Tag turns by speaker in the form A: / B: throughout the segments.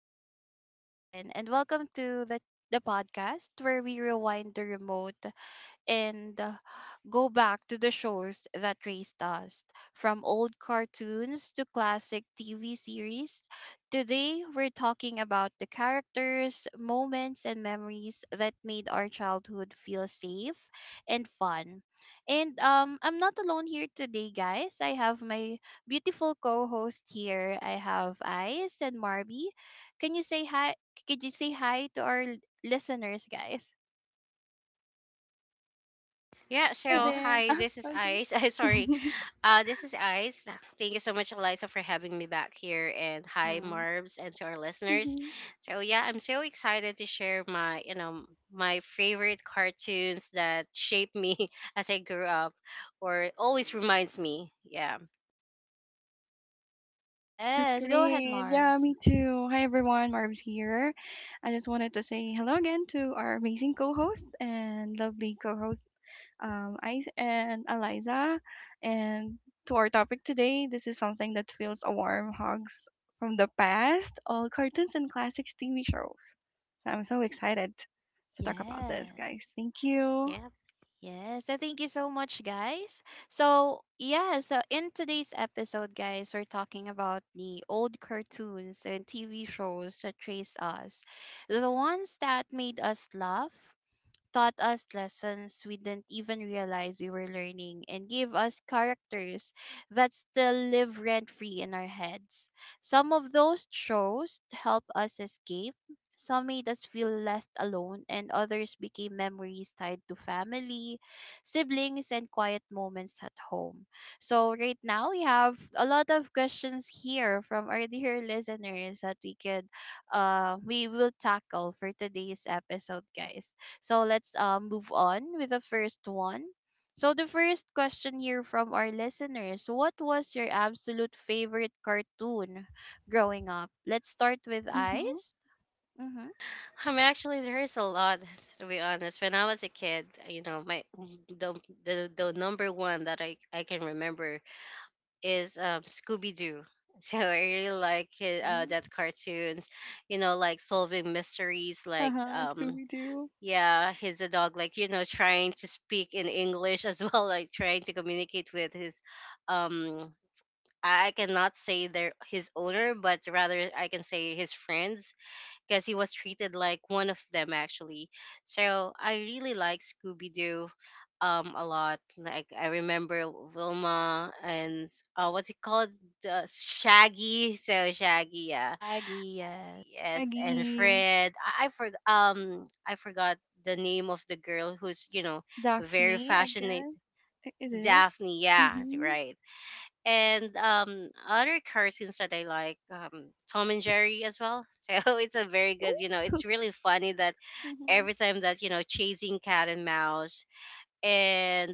A: is Liza again, and welcome to the podcast where we rewind the remote, and go back to the shows that raised us from old cartoons to classic TV series. Today, we're talking about the characters, moments, and memories that made our childhood feel safe and fun. And I'm not alone here today, guys. I have my beautiful co-host here. I have Ice and Marby. Can you say hi? Could you say hi to our listeners, guys?
B: Yeah,
C: Hi
B: so
A: Yes.
C: there.
B: hi, this is
C: Uh-huh.
B: Ice. I'm
C: Okay.
B: sorry. This is Ice. Thank you so much, Eliza, for having me back here. And hi, Marbs, and to our listeners.
C: Mhm.
B: So yeah, I'm so excited to share my favorite cartoons that shaped me as I grew up, or always reminds me. Yeah,
C: That's
A: Yes, go ahead,
C: great. Yeah,
A: Marbs.
C: me too. Hi everyone, Marv's here. I just wanted to say hello again to our amazing co-host and lovely co-host, Ice and Eliza. And to our topic today, this is something that feels a warm hugs from the past, all cartoons and classics TV shows. So I'm so excited to talk about this, guys.
A: Yes.
C: Thank you.
B: yeah.
A: Yes, so thank you so much, guys. So, yeah, so in today's episode, guys, we're talking about the old cartoons and TV shows that trace us. The ones that made us laugh, taught us lessons we didn't even realize we were learning, and gave us characters that still live rent free in our heads. Some of those shows helped us escape, some made us feel less alone, and others became memories tied to family, siblings, and quiet moments at home. So, right now, we have a lot of questions here from our dear listeners that we will tackle for today's episode, guys. So let's move on with the first one. So the first question here from our listeners: what was your absolute favorite cartoon growing up? Let's start with
C: Mm-hmm.
A: Ice. Mm-hmm.
B: I mean, actually, there is a lot. To be honest, when I was a kid, you know, the the number one that I can remember is Scooby Doo. So I really like his, uh,
A: Mm-hmm.
B: that cartoons, you know, like solving mysteries, like
C: Uh-huh. Scooby-Doo.
B: yeah, he's a dog, like, you know, trying to speak in English as well, like trying to communicate with his um. I cannot say their his owner, but rather I can say his friends, because he was treated like one of them actually. So I really like Scooby Doo a lot. Like, I remember Wilma and what's it called? The Shaggy. So, Shaggy, yeah.
A: Shaggy, yes.
B: Yes, and
C: Shaggy.
B: Fred. I forgot the name of the girl who's very
C: Daphne, I
B: passionate.
C: guess. Is it?
B: Daphne, yeah,
C: Mhm.
B: right. And other cartoons that I like, Tom and Jerry as well. So it's a very good, it's
C: Ooh.
B: really funny that
C: Mhm.
B: every time that chasing cat and mouse. And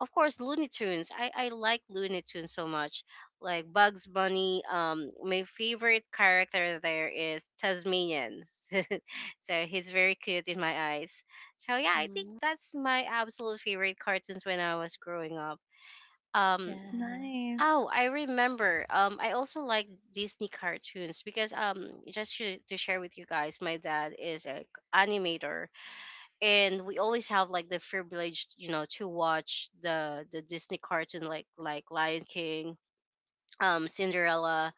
B: of course, Looney Tunes. I like Looney Tunes so much, like Bugs Bunny. My favorite character there is Tasmanian. So, he's very cute in my eyes. So yeah, I think
A: Mm-hmm.
B: that's my absolute favorite cartoons when I was growing up um
A: Yes.
C: Nice.
B: oh, I remember. I also like Disney cartoons, because just to share with you guys, my dad is a animator, and we always have like the privilege, to watch the Disney cartoon, like Lion King, Cinderella,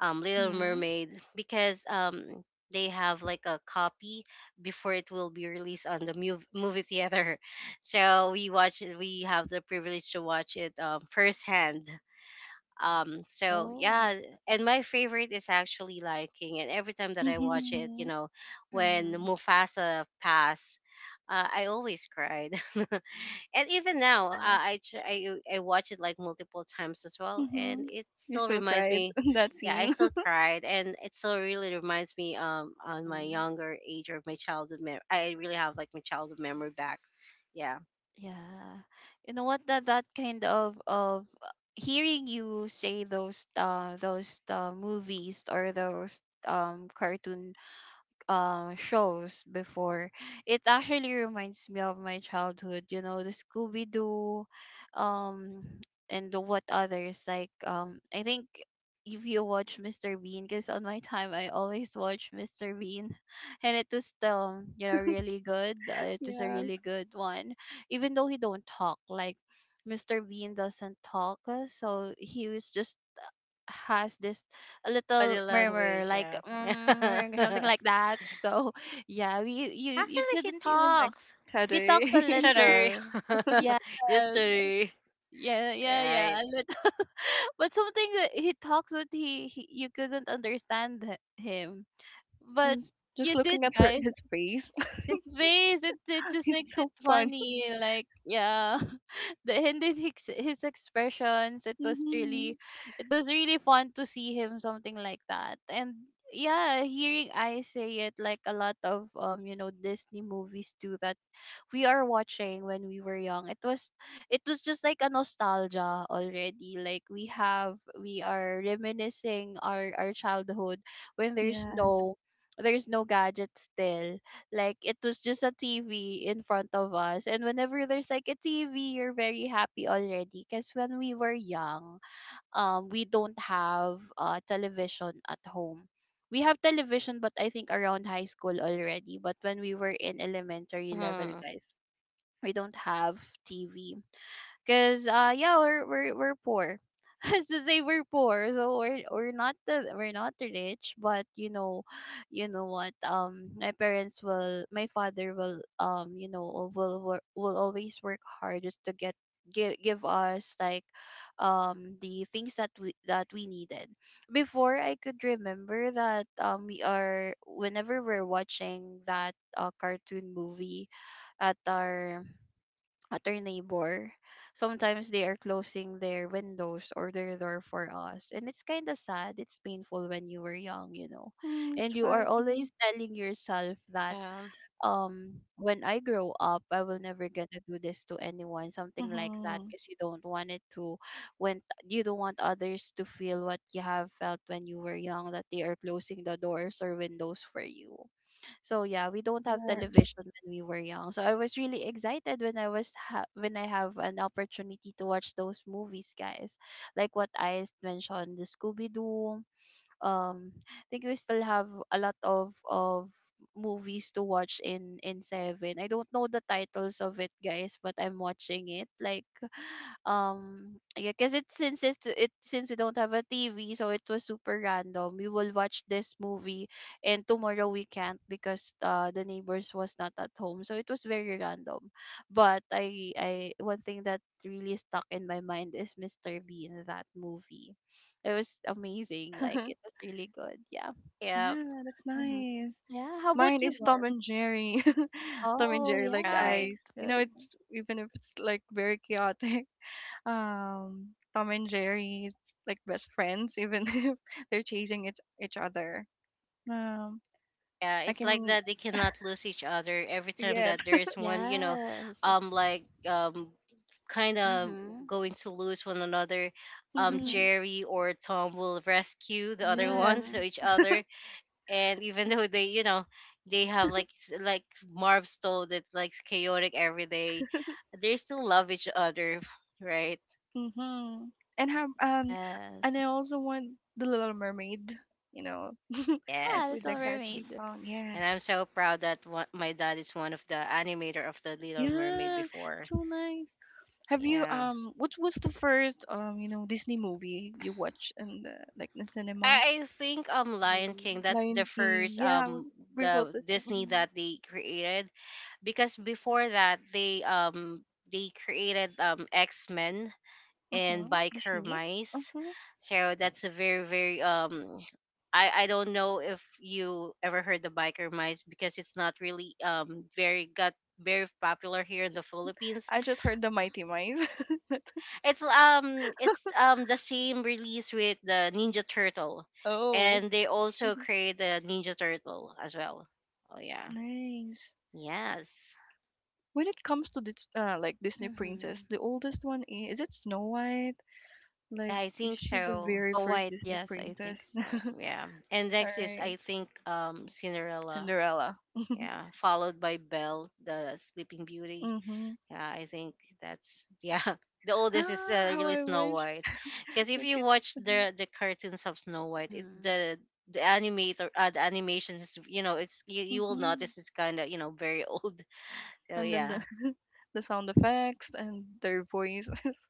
B: Little
A: Mm-hmm.
B: Mermaid, because they have like a copy before it will be released on the movie theater. So we watch it. We have the privilege to watch it firsthand, so
A: Oh.
B: yeah. And my favorite is actually Lion King, and every time that I watch it, you
C: Mhm.
B: know, when
A: Mm-hmm.
B: Mufasa passed, I always cried, and even now,
A: Yeah.
B: I, tr- I watch it like multiple times as well, and
C: Mhm.
B: it
C: You
B: still
C: still
B: reminds
C: cried
B: me.
C: in that
B: Yeah, I
C: scene.
B: still cried, and it still really reminds me, on my
A: Mm-hmm.
B: younger age or my childhood. I really have like my childhood memory back. Yeah.
A: Yeah. You know what, that kind of hearing you say those movies or those cartoon shows before, it actually reminds me of my childhood. You know, the Scooby Doo, um, and the what others like. I think if you watch Mr. Bean, because on my time I always watch Mr. Bean, and it was still, you know, really good. It was a
C: Yes,
A: really good one, even though he don't talk like. Mr. Bean doesn't talk, so he was just has this a little
B: Body
A: murmur
B: language,
A: like
B: yeah.
A: something like that, so yeah, you
B: Actually, he
A: couldn't even —
C: like
B: talks.
A: he talks a
C: Teddy.
B: Cheddar.
A: little, yes,
B: Yesterday.
A: yeah, yeah, yeah,
B: Right.
A: a little, but something that he talks with, he you couldn't understand him, but
C: Yes. Just
A: you did,
C: looking at her,
A: guys.
C: his face.
A: His face, it just
C: It's
A: makes it
C: so fun.
A: funny, like, yeah, the — and then his expressions, it was really
C: Mhm.
A: it was really fun to see him, something like that. And yeah, hearing I say it like a lot of Disney movies too that we are watching when we were young, it was just like a nostalgia already. Like, we are reminiscing our childhood when there's
C: Yeah.
A: no there's no gadgets still, like it was just a TV in front of us. And whenever there's like a TV, you're very happy already. Because when we were young, we don't have television at home. We have television, but I think around high school already. But when we were in elementary
B: Mm.
A: level, guys, we don't have TV. Cause yeah, we're poor. As to say we're poor, so we're not the rich, but you know what? My parents will, my father will, you know, will wor- will always work hard just to get give give us, like, the things that we needed. Before, I could remember that we are whenever we're watching that cartoon movie at our at our neighbor. Sometimes they are closing their windows or their door for us. And it's kind of sad. It's painful when you were young.
C: Mm, that's
A: And you are
C: fine. Mhm.
A: always telling yourself that
B: Yeah.
A: when I grow up, I will never get to do this to anyone, something like that,
C: Mhm.
A: because you don't want it to when you don't want others to feel what you have felt when you were young, that they are closing the doors or windows for you. So yeah, we don't have
C: Yeah.
A: television when we were young. So I was really excited when when I have an opportunity to watch those movies, guys. Like what I mentioned, the Scooby Doo. I think we still have a lot of movies to watch in Seven. I don't know the titles of it, guys, but I'm watching it. Like yeah, because it since it's it since we don't have a TV, so it was super random. We will watch this movie, and tomorrow we can't because the neighbors was not at home, so it was very random. But I one thing that really stuck in my mind is Mr. Bean, that movie. It was amazing, like, it was really good. Yeah.
B: Yeah.
C: Yeah, that's
A: Hmm,
C: nice.
A: yeah, how about
C: Mine
A: you,
C: is Tom
A: Marv?
C: and Jerry. Tom and
A: Oh
C: Jerry, like the
A: yeah,
B: Right.
A: that's
C: eyes. You know,
A: good.
C: it's even if it's like very chaotic. Tom and Jerry's like best friends even if they're chasing each other. Um,
B: Yeah.
C: I
B: It's like
C: can,
B: that they cannot lose each other every time
C: yes.
B: that there is one, you know,
A: Yes.
B: like kind of
A: Mm-hmm.
B: going to lose one another.
A: Mm-hmm.
C: Mhm.
B: Jerry or Tom will rescue the other
C: Yes.
B: one, so
A: Mm-hmm.
B: each other. And even though they have like Marv stole, that like chaotic every day, they still love each other, right?
C: Mhm. And have
A: Yes.
C: and I also want the Little Mermaid, you know,
A: Yeah,
B: Yes.
C: with the
A: Little
C: catchy
A: Mermaid.
C: song.
B: And
C: Yes.
B: I'm so proud that one, my dad is one of the animator of the Little Mermaid
C: Yeah.
B: before.
C: So nice. Have you
B: Yeah.
C: what was the first you know Disney movie you watched in the like the cinema?
B: I think Lion
A: Mm-hmm.
B: King, that's the
C: Lion King.
B: first,
C: Yeah, we both
B: the
C: the
B: Disney
C: same.
B: that they created, because before that they created X-Men and
C: Mhm.
B: Biker
C: Disney?
B: Mice.
C: Mhm.
B: So that's a very very, I don't know if you ever heard the Biker Mice, because it's not really very got very popular here in the Philippines.
C: I just heard the Mighty Mice.
B: It's the same release with the Ninja Turtle,
C: Oh.
B: and they also
C: Mhm.
B: create the Ninja Turtle as well. Oh yeah,
C: Nice.
B: yes,
C: When it comes to this, like Disney
A: Mm-hmm.
C: princess, the oldest one is it Snow White? Like,
B: I
C: is
B: think
C: she the
B: so.
C: very
A: Snow
C: first
A: White,
C: Disney
A: yes, I
C: princess?
A: think so.
B: Yeah, and
C: All
B: next is,
C: right,
B: I think, Cinderella.
C: Cinderella.
B: Yeah, followed by Belle, the Sleeping Beauty.
C: Mm-hmm.
B: Yeah, I think that's, yeah. The oldest is,
C: Ah, how
B: really,
C: I
B: Snow
C: wish
B: White, because if
C: we
B: you
C: could.
B: watch
C: Mm-hmm.
B: the cartoons of Snow White, it
A: Mm-hmm.
B: the animator the animations is, it's, you will
C: Mm-hmm.
B: notice, it's kind of, very old. So
C: And then
B: yeah,
C: the the sound effects and their voices.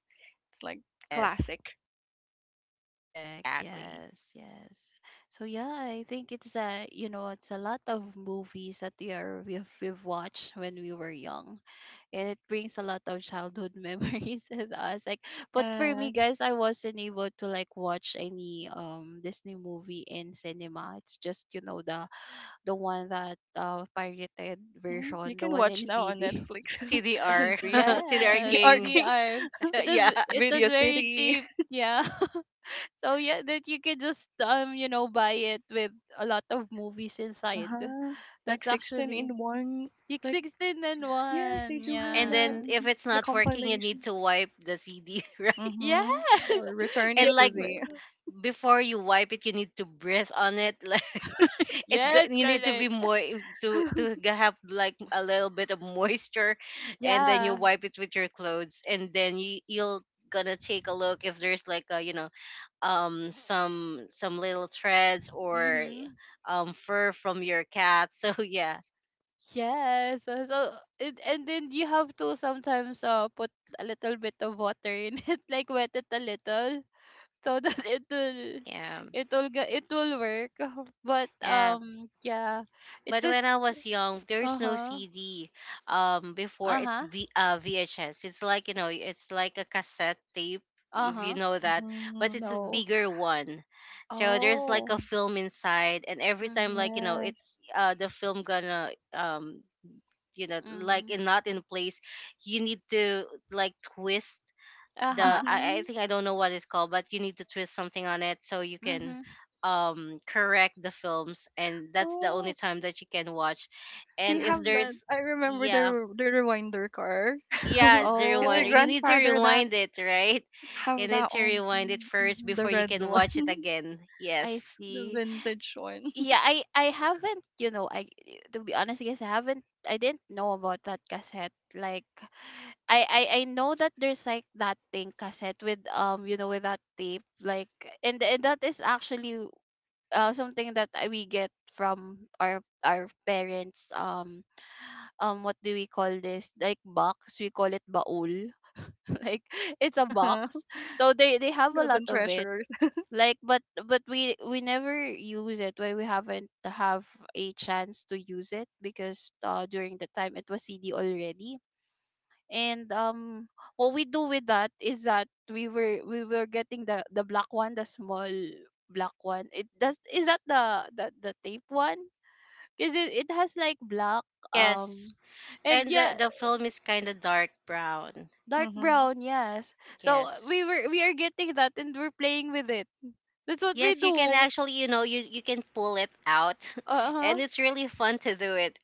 C: It's like
B: yes,
C: classic.
A: Correct.
B: exactly.
A: Yes, yes. So yeah, I think it's a lot of movies that we've watched when we were young, and it brings a lot of childhood memories with us. Like, but for me,
C: Yes.
A: guys, I wasn't able to like watch any Disney movie in cinema. It's just, the one that pirated
C: Mhm. You
A: version, the
C: can
A: one
C: watch
A: in
C: now on
A: CD.
C: Netflix,
B: CDR
C: R&B,
B: CDR
A: Yes,
C: CDR
B: King,
C: King,
A: DDR. It was
B: yeah.
A: it was
C: Video
A: very
C: City.
A: cheap. Yeah. So yeah, that you can just buy it with a lot of movies inside.
C: Uh-huh. Like
A: That's
C: 16
A: actually
C: in one.
A: Pick
C: Like,
A: 16 and
C: yes, they
A: 1.
C: do have
B: And
C: that.
A: Yeah.
B: then, if
C: Hmm.
B: it's
C: The
B: not working, you need
C: compilation.
B: to wipe the CD, right?
A: Yes.
C: Mm-hmm. Or return it
A: Yes.
B: And
C: to
B: like,
C: the.
B: before you wipe it, you need to breathe on it, like, it's good.
A: Yes,
B: You need to be
A: correct.
B: more, to to g- have like a little bit of moisture, and then you
A: Yeah.
B: wipe it with your clothes, and then you'll gonna take a look if there's like a you know some little threads or
A: Mhm.
B: fur from your cat. So yeah.
A: Yes. So, and then you have to sometimes put a little bit of water in it, like wet it a little, so that it will
B: Yeah.
A: it will get it will work. But
B: Yeah.
A: yeah, it
B: But when
A: is.
B: I was young, there's no
A: Uh-huh.
B: CD. Before, it's
A: Uh-huh.
B: VHS. It's like a cassette tape, if you
A: Uh-huh.
B: know that. But
C: Mm-hmm.
B: it's a
A: No.
B: bigger one, so there's like
A: Oh.
B: a film inside, and every time, like,
A: Mhm.
C: Yes.
B: it's the film gonna, like,
A: Mhm.
B: in, not in place. You need to like twist the
A: Uh-huh.
B: I,
C: Mm-hmm.
B: I think, I don't know what it's called, but you need to twist something on it so you can
A: Mhm.
B: correct the films, and that's the only
C: Oh,
B: time that you can watch.
C: they
B: And if
C: have that.
A: Mhm.
B: there's.
C: I remember
B: Yeah,
C: the rewinder car.
B: yeah, the
C: Because my
B: rewinder. You
A: Oh,
B: need to
C: grandfather that
B: rewind it, right? You
C: have
B: need
C: that
B: to
C: one.
B: rewind it first
C: Mm-hmm. The
B: before you
C: red
B: can
C: one.
B: watch it again.
A: I
B: Yes.
C: The
A: see.
C: vintage one.
A: Yeah, I haven't, you know, I to be honest, I guess I didn't know about that cassette. Like, I know that there's like that thing cassette with with that tape, like, and that is actually, something that we get from our parents, what do we call this, like box, we call it baul. Like, it's a box, so they have a lot
C: Golden
A: of it.
C: treasures.
A: Like, but we never use it, when we haven't have a chance to use it, because during the time it was CD already. And what we do with that is that we were getting the black one, the small black one. It does — is that the tape one, because it has like black, um
B: Yes.
A: and
B: And
A: yeah,
B: the film is kind of dark brown.
A: dark
C: Mhm.
A: brown, yes. So
B: Yes.
A: we are getting that and we're playing with it, that's what we
B: Yes, you can
A: do.
B: actually, you can pull it out,
A: Uh-huh.
B: and it's really fun to do it.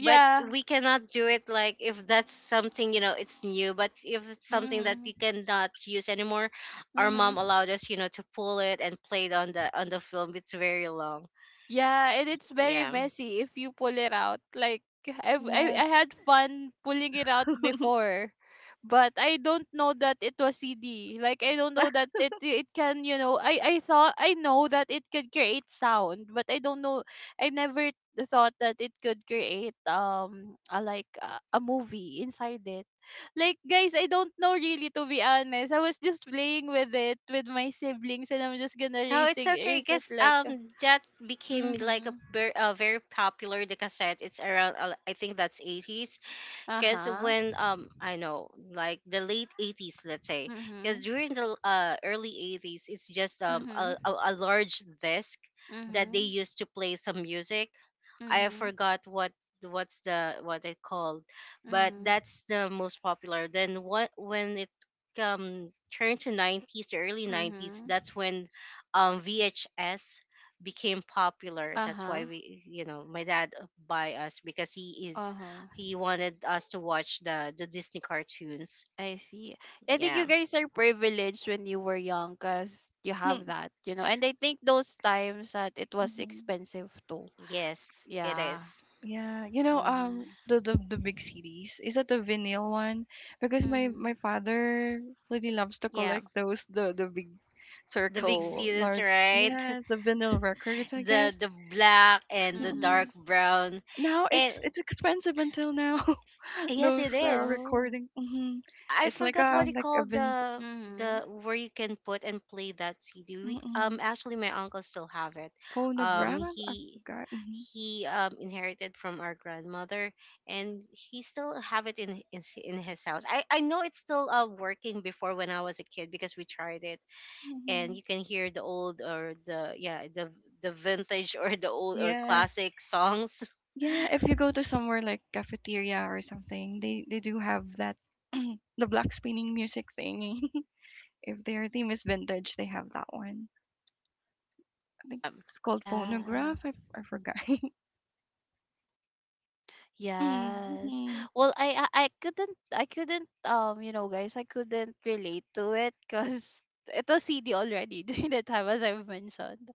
B: But we cannot do it, like, if that's something, it's new. But if it's something that
A: Mhm.
B: you cannot use anymore, our mom
A: Mhm.
B: allowed us, to pull it and play it on the film. It's very long.
A: Yeah, and it's very
B: Yeah.
A: messy if you pull it out. Like, I've, I
C: Yes.
A: I had fun pulling it out before, but I don't know that it was CD. Like, I don't know that it can, I thought I know that it could create sound, but I don't know, I never thought that it could create a movie inside it. Like, guys, I don't know, really, to be honest. I was just playing with it with my siblings, and I'm just gonna
B: No, it's
A: racing
B: okay.
A: race it,
B: Guess
A: like.
B: that became like a,
A: Mm-hmm.
B: ver- a very popular, the cassette. It's around, I think, that's 80s, because
A: Uh-huh.
B: when I know, like, the late 80s, let's say, because
A: Mhm.
B: during the, early 80s, it's just a,
A: Mhm.
B: a, a large disc that they
A: Mhm.
B: used to play some music. I
A: Mhm.
B: forgot what what's the what it called, but
A: Mhm.
B: that's the most popular. Then what when it um turned to 90s, early 90s,
A: Mhm.
B: that's when VHS became popular. That's why
A: Uh-huh.
B: we, my dad, buy us, because he is
A: Uh-huh.
B: he wanted us to watch the Disney cartoons.
A: I see. I think you
B: Yeah.
A: guys are privileged when you were young, cuz you have that. And I think those times that it was
C: Mhm.
A: expensive too.
B: Yes, it
A: Yeah.
B: is.
C: Yeah, you know,
A: Mhm.
C: the big CDs is that the vinyl one? Because my
A: Mhm.
C: father really loves to
B: Yeah.
C: collect those the big
B: The big
C: circle
A: Mhm.
B: series,
C: large.
B: right?
C: Yeah, the vinyl records, I guess.
B: The black and the
C: Mm-mm.
A: Mhm.
B: dark brown.
C: Now
B: And
C: it's expensive until now.
B: yes,
C: Those
B: it is.
A: Oh.
C: recording. Mm-hmm.
B: I
C: It's
B: forgot what you
C: like a
B: call
C: vin
B: the
A: Mhm.
B: the where you can put and play that CD. We,
C: mm-mm,
B: actually, my uncle still have it. Um,
C: phonograph. I
B: he
C: forgot. Mm-hmm.
B: he inherited from our grandmother, and he still have it in his house. I know it's still working before when I was a kid, because we tried it,
C: Mm-hmm.
B: and you can hear the old, or the yeah the vintage, or the old, or
C: Yeah,
B: classic songs.
C: yeah, if you go to somewhere like cafeteria or something, they do have that the black spinning music thing. If their theme is vintage, they have that one. I think
B: Um,
C: it's called
A: Yeah.
C: phonograph. I forgot.
A: Yes.
C: Mhm.
A: Well, I couldn't, I couldn't you know guys I couldn't relate to it because it was CD already during the time, as I've mentioned.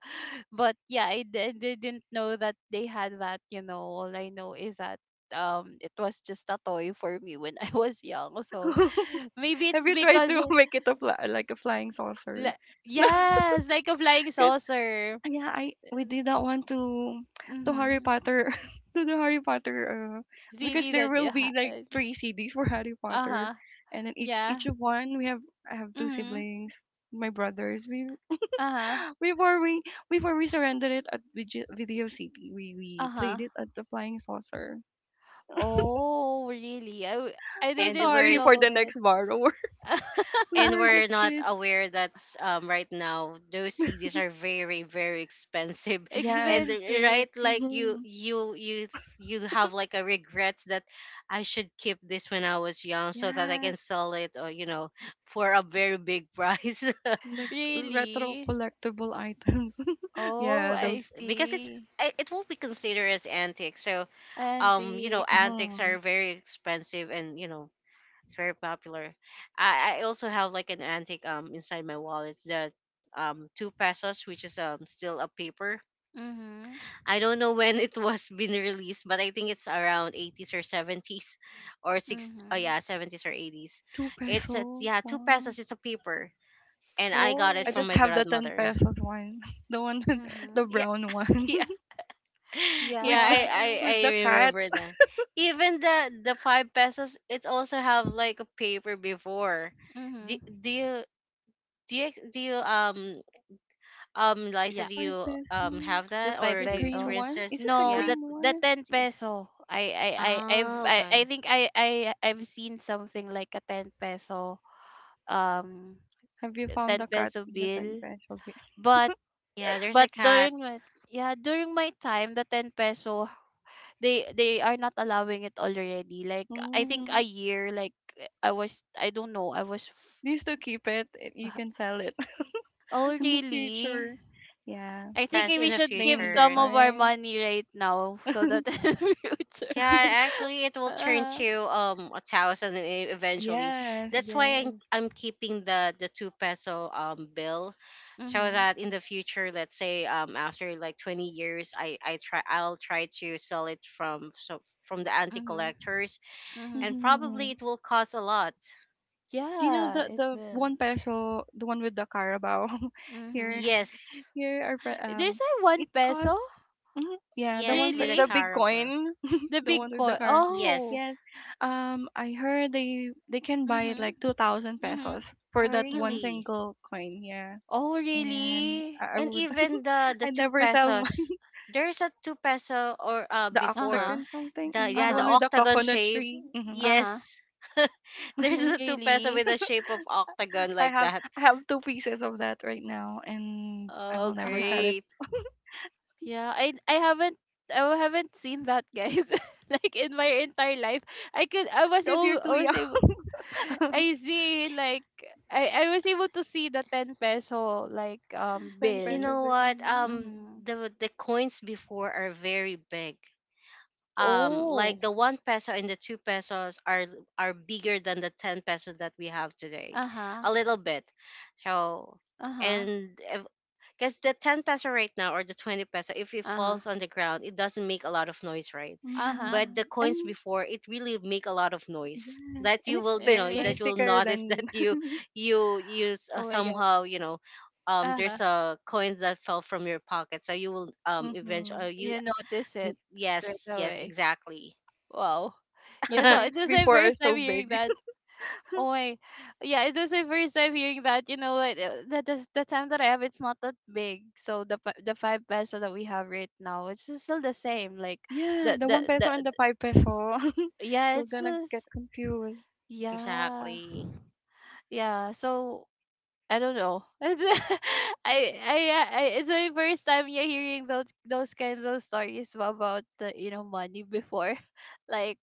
A: But yeah, I didn't know that they had that. You know, all I know is that it was just a toy for me when I was young. So maybe
C: Have
A: it's
C: you tried
A: because,
C: to make it a fly, like a flying saucer?
A: li-
C: No,
A: yes, like a flying
C: 'cause
A: saucer.
C: yeah, I we did not want to Harry
A: Mm-hmm.
C: Potter to the Harry Potter because
A: CD
C: there
A: that you
C: will be like
A: had.
C: three CDs for Harry
A: Uh
C: Potter,
A: huh.
C: and then each
A: Yeah.
C: each of one we have, I have two
A: Mm-hmm.
C: siblings, my brothers. We
A: Uh huh.
C: before we before we surrendered it at Video City,
A: Uh
C: we
A: huh.
C: played it at the Flying Saucer.
A: Oh, really? I
C: I'm
B: and
A: didn't
C: sorry
B: we're
C: for
A: know
C: the
A: it.
C: next borrower. We
B: and
C: were just
B: we're not
C: kids.
B: aware that, right now, those CDs are very very expensive.
C: Yes.
B: And
A: Expensive.
B: right, like, you
C: Hmm.
B: you you you have like a regret that I should keep this when I was young, so that I
C: Yes.
B: can sell it, or, for a very big price.
C: Like retro
A: Really?
C: collectible items.
A: Oh,
C: Yeah. Those.
A: I
B: Yes, because it's
A: see.
B: i- it will be considered as antique. So,
A: Antiques.
B: antiques
C: Hmm.
B: are very expensive, and, it's very popular. I also have like an antique inside my wallet. It's the 2 pesos, which is still a paper.
A: Mm-hmm.
B: I don't know when it was been released, but I think it's around 80s or 70s, or six. Oh
A: Mm-hmm.
B: yeah, 70s or 80s.
C: 2-peso
B: It's a,
C: peso?
B: yeah, two
C: Wow.
B: pesos. It's a paper, and I got it
C: I
B: from
A: Oh.
C: just
B: my
C: have the 10
B: grandmother.
C: pesos one. The one with
A: Mm-hmm.
C: the
B: Yeah,
C: brown one
B: yeah, yeah.
C: with the
A: Yeah.
B: I I,
C: with
B: I
C: the cat.
B: remember that. Even the 5 pesos, it also have like a paper before. Do,
A: Mm-hmm.
B: do you Do you Liza,
A: Yeah.
B: do
C: 5-peso
B: you
C: peso.
B: have
A: The
B: that,
A: five
B: or
C: The
B: do you
C: green
A: peso.
B: experience
C: one? Is
B: this?
C: it the
A: No,
B: Yeah.
A: that
C: green
A: the
C: one?
A: ten
B: D-
A: peso. I I I I've
B: Oh,
A: I, I
B: okay.
A: think I've seen something like a ten peso, um
C: Have you found
A: ten
C: the cat
A: peso
C: with the 10
A: bill.
C: peso?
A: But
B: Yeah, there's a cat,
A: during my yeah, during my time, the 10 peso, they are not allowing it already. Like, I think a
C: Mm.
A: year, like, I was, I don't know, I was
C: Do you still keep it? Eh, you can sell it
A: Oh,
C: in the
A: really?
C: future. Yeah,
A: I think
C: just
B: as
A: we
B: in the
A: should give
C: name the
A: some
B: future.
A: of our
C: price.
A: money right now, so that in the future.
B: Yeah, actually, it will turn
A: Uh,
B: to 1,000 eventually.
C: Yes.
B: That's why I'm
A: yes.
B: I'm keeping the 2-peso bill, so
A: Mhm.
B: that in the future, let's say, after like 20 years, I'll try to sell it, from the anti
A: Mhm.
B: collectors,
A: Mhm.
B: and
C: Hmm.
B: probably it will cost a lot.
C: Do you know
A: Yeah, it
C: the
A: will.
C: one peso, the one with the Carabao
A: Mhm.
C: here?
B: Yes.
C: Here are
A: There's
C: um,
A: a one
C: it cost
A: peso.
C: mhm, yeah,
B: Yes, with a
C: the
A: Really?
C: big
B: Carabao.
C: coin,
A: The
C: the
A: big
C: one with the
A: coil.
C: car.
A: Oh.
B: Yes.
C: Yes. Um, I heard they can buy it
A: Mhm.
C: like 2,000
A: Mhm.
C: pesos for
B: Oh,
C: that one
A: Mhm.
B: really?
C: single coin, yeah.
A: Oh,
C: And
A: really?
C: I
B: And
C: would,
B: even the the
C: I
B: two
C: never sell mine.
B: pesos, there's a 2-peso or
C: The
B: before
A: Uh-huh.
C: octagon something,
B: the,
C: mm,
B: yeah,
C: the
B: the
C: one
A: Uh-huh.
C: with the
B: octagon
C: coconut
B: shape.
C: tree. Hmm.
A: Uh-huh.
B: Yes, there's
A: Oh,
B: a two peso with
A: really?
B: a shape of octagon like that.
C: I have two pieces of that right now, and I
B: Oh,
C: will never sell
A: Uh-huh.
C: it
B: great!
A: Yeah, I haven't seen that, guys. Like in my entire life, I could I was
C: because
A: all
C: you're too
A: I was
C: young.
A: able— I see, like I was able to see the 10 peso, like
C: Ten
B: You
A: bill.
C: pesos,
B: know
C: but
B: what?
C: mm-hmm,
B: Um,
A: Mhm.
B: the the coins before are very big.
A: Oh.
B: Like the one peso and the two pesos are bigger than the 10 peso that we have today
A: Uh-huh.
B: a little bit, so
A: Uh-huh.
B: and because the 10 peso right now or the 20 peso, if it
A: Uh-huh.
B: falls on the ground, it doesn't make a lot of noise, right?
A: Uh-huh.
B: But the
C: mm-hmm, and
B: coins before, it really make a lot of noise
C: yes,
B: that
C: and
B: you
C: it's
B: will you
C: thick,
B: know
C: right?
B: that
A: Really?
B: you will
C: Thicker
B: notice
C: than
B: that you use,
A: Oh my god.
B: somehow, you know,
A: Uh-huh.
B: there's a coins that fell from your pocket, so you will eventually,
C: hmm
B: you
A: You notice it right
B: yes, yes,
A: away.
B: exactly.
A: Wow.
C: the
A: Yeah, so it
C: coins
A: was my
C: before are
A: first time
C: so big.
A: hearing that. Oh my, yeah, it was my first time hearing that. You know, like the time that I have, it's not that big. So the the five peso that we have right now, it's just still the same. Like
C: Yeah, the one peso
A: the
C: and the five peso.
A: yeah,
C: You're
A: it's
C: gonna get
A: just,
C: confused.
A: yeah,
B: Exactly.
A: yeah. So I don't know. It's, I I I it's my first time, yeah, hearing those kinds of stories about the, you know, money before, like.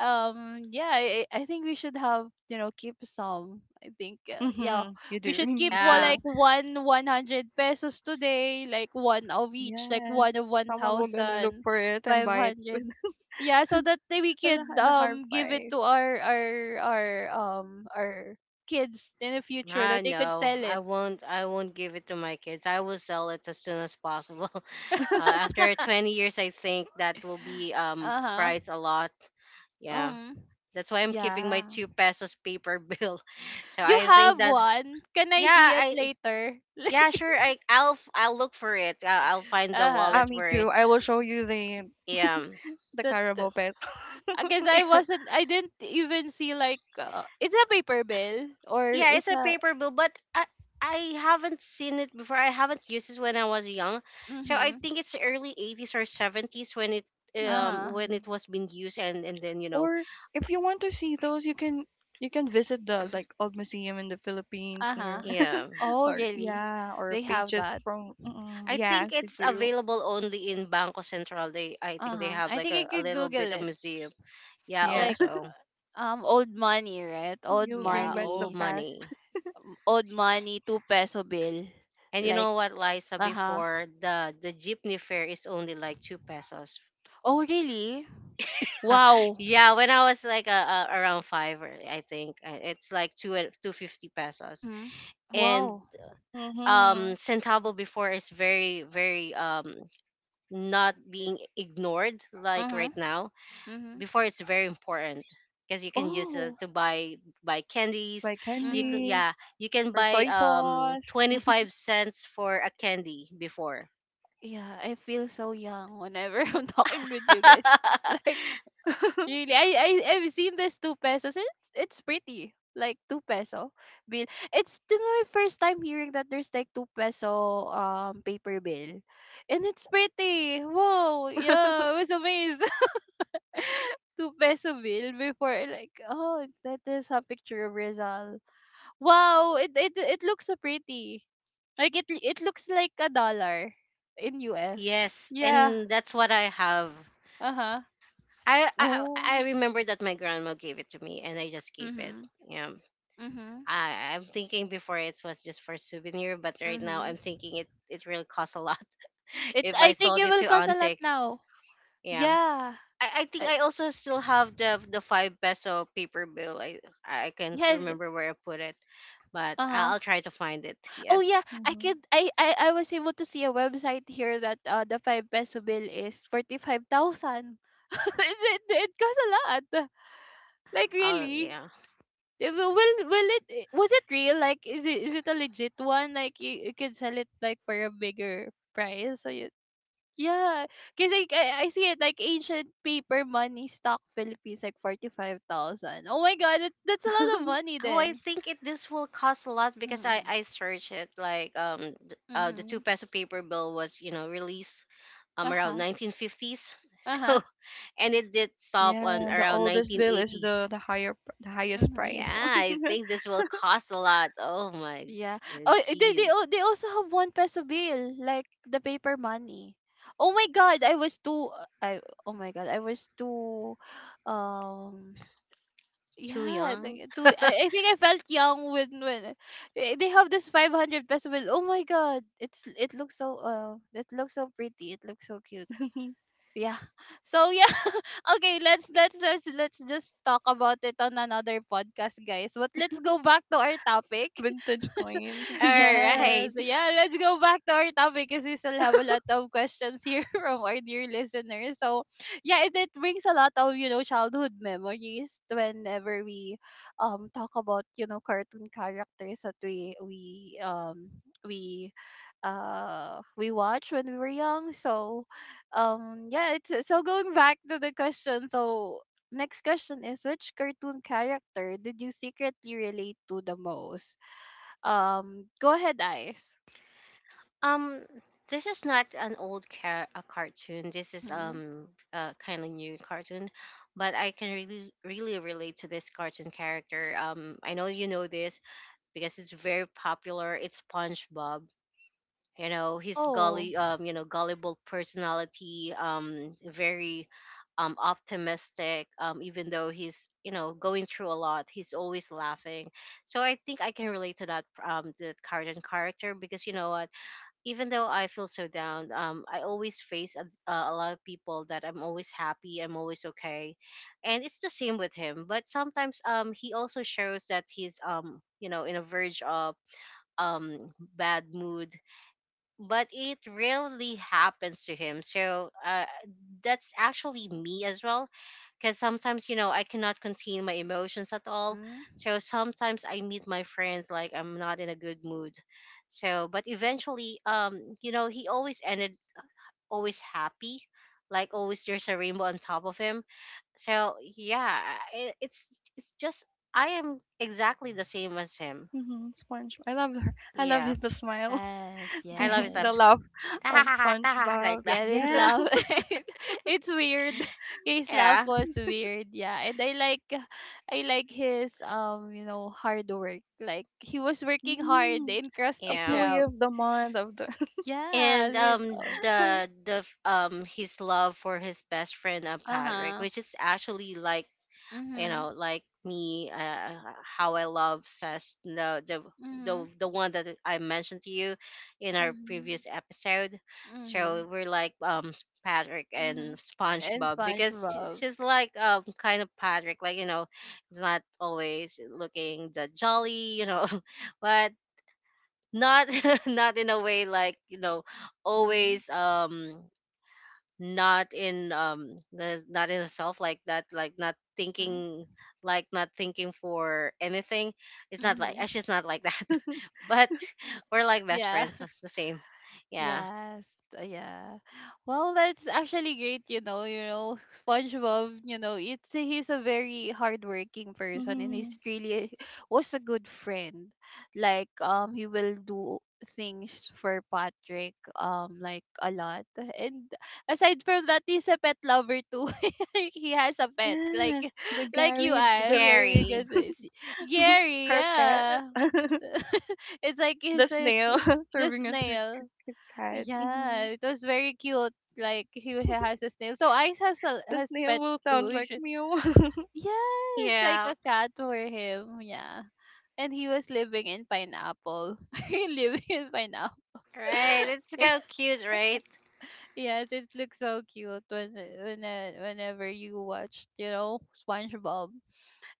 A: Yeah, I think we should, have you know, keep some. I think Yeah,
C: Hmm. You
A: we
C: do.
A: should
C: You
A: keep,
C: need
A: well,
B: Yeah.
A: like
C: to.
A: one 100 pesos today, like one of each, like
C: Yes.
A: one of
C: Someone will gonna look for it and buy it
A: 1500,
C: with
A: yeah, so that we could
C: at a hard
A: give it
C: price.
A: to our kids in the future,
B: I
A: that they could
B: know.
A: sell it.
B: I won't give it to my kids. I will sell it as soon as possible. After 20 years, I think that will be
A: Uh-huh.
B: priced a lot. Yeah.
A: um
B: That's why I'm keeping my
A: yeah,
B: 2 pesos paper bill. So
A: you
B: I think
A: have
B: that
A: one? Can I
B: yeah,
A: see it
B: I
A: later?
B: yeah,
A: Like.
B: sure. I'll look for it. I'll find the
A: Uh-huh.
C: Ah,
B: wallet
C: me
B: for it.
C: too. I will show you
B: Yeah.
C: the
A: That—
C: Carabao pet.
A: because I didn't even see, like, it's a paper bill or
B: Yeah, it's
A: it's
B: a
A: a—
B: paper bill, but I haven't seen it before. I haven't used it when I was young, so I
A: mhm.
B: think it's early 80s or seventies
A: Uh-huh.
B: when
C: Hmm.
B: it was being used. And then, you know,
C: Or if you want to see those, you can visit the like old museum in the Philippines
A: Uh-huh.
C: here.
B: yeah,
A: Oh
C: Or
A: really?
C: yeah, or
A: They have
C: pages
A: that.
C: from mm,
B: I think
C: yes, you
B: it's
C: do.
B: available only in Banco Central. They, I think they
A: Uh-huh.
B: have
A: I
B: like
A: think I
B: a
A: could
B: little
A: google
B: bit of
A: it,
B: museum. Yeah,
C: Yeah,
A: like,
B: also
A: old money, right? Old
C: you'll bring
B: yeah,
C: back the
B: old
A: money.
C: past.
B: money.
A: Old money, 2 peso bill.
B: And you
A: Like.
B: know what, Liza?
A: Uh-huh.
B: Before, the jeepney fare is only like two pesos.
A: Oh really? Wow.
B: Yeah, when I was like around five, or I think, it's like two, 2.50 pesos,
A: Mhm.
B: and
A: Wow.
C: Mm-hmm.
B: centavo before is very not being ignored like
A: Mhm.
B: right now.
A: Mhm.
B: Before, it's very important because you can use it
A: Oh.
B: to buy candies.
C: Like
B: You
A: Mhm.
B: could,
C: candies
B: yeah, you can
C: or
B: buy
C: soy sauce.
B: 25 cents for a candy before.
A: Yeah, I feel so young whenever I'm talking with you guys. Like really, I I've seen this two pesos. It's— it's pretty, like two peso bill. It's This is my first time hearing that there's like two peso paper bill, and it's pretty. Whoa, yeah, I was amazed. Two peso bill before, like, oh, that is a picture of Rizal. Wow, it looks so pretty. Like it looks like a dollar in US.
B: Yes,
A: Yeah.
B: and that's what I have.
A: Uh-huh.
B: I
A: Oh.
B: remember that my grandma gave it to me, and I just keep it.
A: Mhm.
B: Yeah,
A: Mhm.
B: I I'm thinking before it was just for souvenir, but right now
A: Mhm.
B: I'm thinking it it really costs a lot
A: It
B: if I
A: I think
B: sold
A: it
B: it
A: will
B: to
A: cost a lot
B: Antic.
A: now.
B: Yeah,
A: Yeah.
B: I think
A: I,
B: I also still have the five peso paper bill. I can't
A: yeah.
B: remember where I put it, but
A: Uh-huh.
B: I'll try to find it.
A: Oh yeah,
B: Yes.
A: I could—
C: Hmm.
A: I was able to see a website here that the 5 peso bill is 45,000. It costs a lot. Like,
B: I'll,
A: really?
B: yeah.
A: Will it— was it real? Like, is it— is it a legit one? Like, you— you can sell it, like, for a bigger price. So you, yeah, because like, I see it like ancient paper money stock Philippines like 45,000. Oh my god, that's a lot of money
B: Oh, I
A: then.
B: think it this will cost a lot because
A: Mhm.
B: I searched it like the two
A: Mhm.
B: peso paper bill was, you know, released
A: Uh
B: around
A: huh.
B: 1950s.
A: Uh huh.
B: So, and it did stop on
C: Yeah, the
B: around
C: oldest bill is
A: Mhm.
B: 1980s.
C: the the highest
A: Mhm.
C: priced one.
B: Yeah, I think this will cost a lot. Oh my,
A: Yeah. Oh, they
B: jeez,
A: they also have one peso bill, like the paper money. Oh my god, I was too I oh my god, I was too um
B: too
A: yeah,
B: young.
A: like, too— I think I felt young when they have this 500 peso bill. Oh my god, it's— it looks so pretty. It looks so cute. Yeah. So yeah, okay, let's just talk about it on another podcast, guys. But let's go back to our topic.
C: Vintage coins
B: All
C: and
A: Yes.
B: right.
A: Yeah, let's go back to our topic because we still have a lot of questions here from our dear listeners. So, yeah, it brings a lot of, you know, childhood memories whenever we talk about, you know, cartoon characters that we we watched when we were young. So, yeah, it's so going back to the question. So, next question is: which cartoon character did you secretly relate to the most? Go ahead, Ice.
B: Um, this is not an a cartoon. This is
A: Mm-hmm.
B: a kind of new cartoon, but I can really relate to this cartoon character. I know you know this because it's very popular. It's SpongeBob. You know his
A: Oh.
B: gully, you know, gullible personality, very optimistic, even though he's, you know, going through a lot, he's always laughing. So I think I can relate to that, the cartoon character, because you know what, even though I feel so down, I always face a lot of people that I'm always happy, I'm always okay, and it's the same with him. But sometimes he also shows that he's, you know, in a verge of um bad mood, but it rarely happens to him. So, that's actually me as well. Because sometimes, you know, I cannot contain my emotions at all.
A: Mm-hmm.
B: So sometimes I meet my friends like I'm not in a good mood. So, but eventually, you know, he always ended always happy. Like always, there's a rainbow on top of him. So yeah, it's just I am exactly the same as him.
C: mm-hmm, Sponge. I love her. I love
B: Yeah,
C: his the smile,
A: Yes,
B: I
C: the
B: love his
C: the
B: laugh,
A: yes.
C: laugh of
B: like
C: SpongeBob.
A: Yeah, this
C: Yeah,
B: that.
A: love. It's weird. His love
B: Yeah.
A: was weird, yeah. And I like— I like his, you know, hard work. Like he was working hard
C: mm-hmm,
A: in Krusty
B: Yeah.
C: employee
A: Krab.
C: of the month of the.
A: Yeah,
B: And
A: this— oh,
B: his love for his best friend, Patrick,
A: uh-huh.
B: which is actually like, you
A: Mhm.
B: know, like me, how I love says
A: Mhm.
B: the one that I mentioned to you in our
A: Mhm.
B: previous episode.
A: Mhm.
B: So we're like, Patrick and
A: Mhm. And
B: SpongeBob, because
A: SpongeBob.
B: she's like, kind of Patrick, like, you know, he's not always looking the jolly, you know, but not not in a way like, you know,
A: Mhm.
B: always not in, not in self like that, like not
A: Mhm.
B: thinking, like not thinking for anything. It's not like
A: Mhm.
B: she's not like that, but we're like best
A: Yeah.
B: friends, that's the same, yeah.
A: Yes, yeah. Well, that's actually great, you know, SpongeBob, you know, it's he's a very hardworking person and
C: Mhm.
A: he's really was a good friend. Like, he will do things for Patrick, like, a lot. And aside from that, he's a pet lover too. He has a pet, like—
C: Yes, the
A: like you,
C: Gary,
A: as
C: the
A: you're
B: Scary,
A: gonna say— Gary,
C: her cat,
A: yeah. It's like
C: the
A: his— his—
C: snail
A: the
C: serving as her
A: snail.
C: his cat. Hmm.
A: Yeah, it was very cute. Like, he has a snail. So Ice has a—
C: The
A: has
C: snail
A: pets
C: will sound
A: too. You
C: like
A: should—
C: meow.
A: yeah, it's like
B: yeah,
A: a cat for him. Yeah, and he was living in pineapple. Living in pineapple.
B: right, it's so cute, right?
A: Yes, it looks so cute when, whenever you watched, you know, SpongeBob.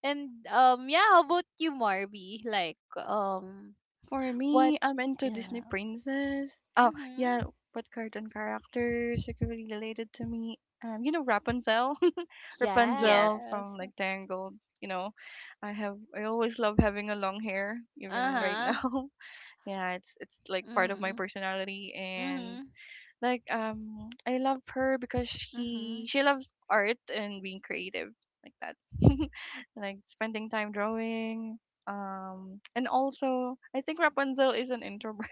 A: And, yeah. How about you, Marby? Like,
C: For
A: what?
C: me, I'm into Disney
A: Yeah.
C: princess. Oh yeah,
A: Mhm.
C: what cartoon characters are really related to me? You know Rapunzel, Rapunzel
B: Yes.
A: Yes.
C: from like Tangled. You know, I always love having a long hair,
A: Uh
C: even right
A: huh.
C: now. Yeah, it's like part of my
A: Mhm.
C: personality. And
A: Mhm.
C: like I love her because
A: Mm-hmm.
C: she loves art and being creative like that, like spending time drawing. And also I think Rapunzel is an introvert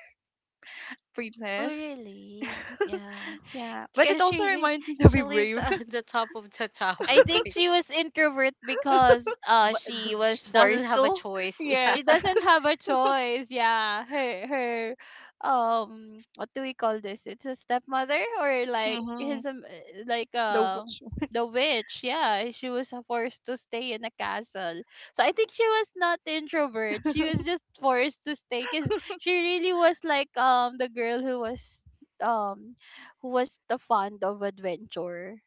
A: Oh,
C: princess.
A: really? Yeah.
C: Yeah, but it
B: Because
C: also
B: she
C: reminds me to
B: she
C: be
B: lives
C: brave.
B: on the top of the
A: I
B: tower,
A: think
B: right?
A: she was introvert because
B: But
A: she was
B: she doesn't
A: forced
B: have a
A: to.
B: choice. Yeah.
C: Yes.
A: She doesn't have a choice. Yeah, her, what do we call this? It's a stepmother or like
C: Mm-hmm.
A: his,
C: The witch.
A: the witch. Yeah, she was, forced to stay in a castle. So I think she was not introvert. She was just forced to stay because she really was like, the girl who was, um who was the fond of adventure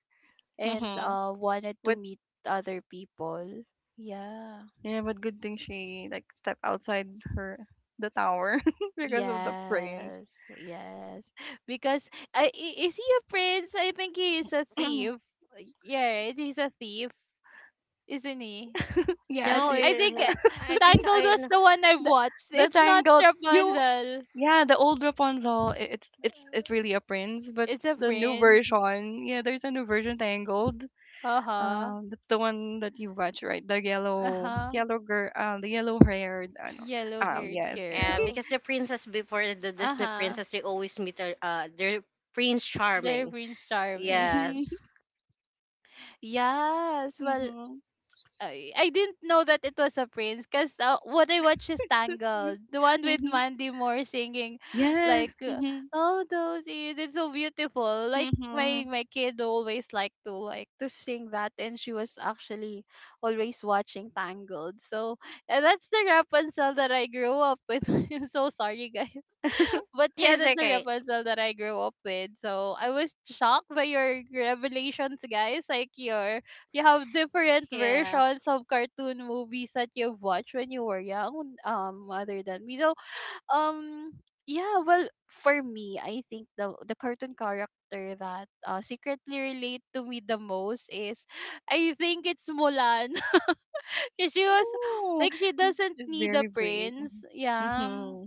A: and
C: Mm-hmm.
A: wanted to
C: But
A: meet other people. Yeah.
C: yeah, but good thing she like stepped outside her the tower because of the prince.
A: Yes, yes. Because is he a prince? I think he is a thief. Yeah, he's a thief, isn't he?
C: Yeah, at
B: No,
C: the
A: I think,
B: I think
A: Tangled
B: I
A: was
B: know.
A: the one I've
C: the,
A: watched.
C: the
A: It's not
C: tangled you
A: Rapunzel.
C: yeah the old rapunzel it's really a prince, but
A: It's a
C: the new
A: prince.
C: version, yeah there's a new version tangled
A: Uh huh.
C: the one that you watch right the
A: Uh huh.
C: yellow girl the yellow haired I know
A: Yellow
C: oh
A: haired
C: yes
B: Yeah,
A: girl.
B: because the princess before, eh, the
A: Uh
B: Disney
A: huh.
B: princess, they always meet their Prince
A: They're
B: Charming.
A: Prince Charming.
B: Yes.
C: hmm
A: Yes. Well,
C: hmm
A: I didn't know that it was a prince because, what I watched is Tangled, the one with
C: hmm
A: Mandy Moore singing, like,
C: yes hmm
A: oh, those ears, it's so beautiful. Like,
C: hmm
A: my kid always liked to— like to sing that, and she was actually always watching Tangled. So, and that's the Rapunzel that I grew up with. I'm so sorry, guys. But yeah,
B: It's
A: that's the
B: okay.
A: Rapunzel that I grew up with. So I was shocked by your revelations, guys. Like, your— you have different
B: Yeah.
A: versions of cartoon movies that you've watched when you were young, other than me. So, um yeah, well, for me, I think the cartoon character that, secretly relate to me the most is I think it's Mulan. 'Cause she was
C: Ooh,
A: like— she
C: he's
A: doesn't
C: just
A: need a
C: very brave.
A: prince. Yeah,
C: Hmm.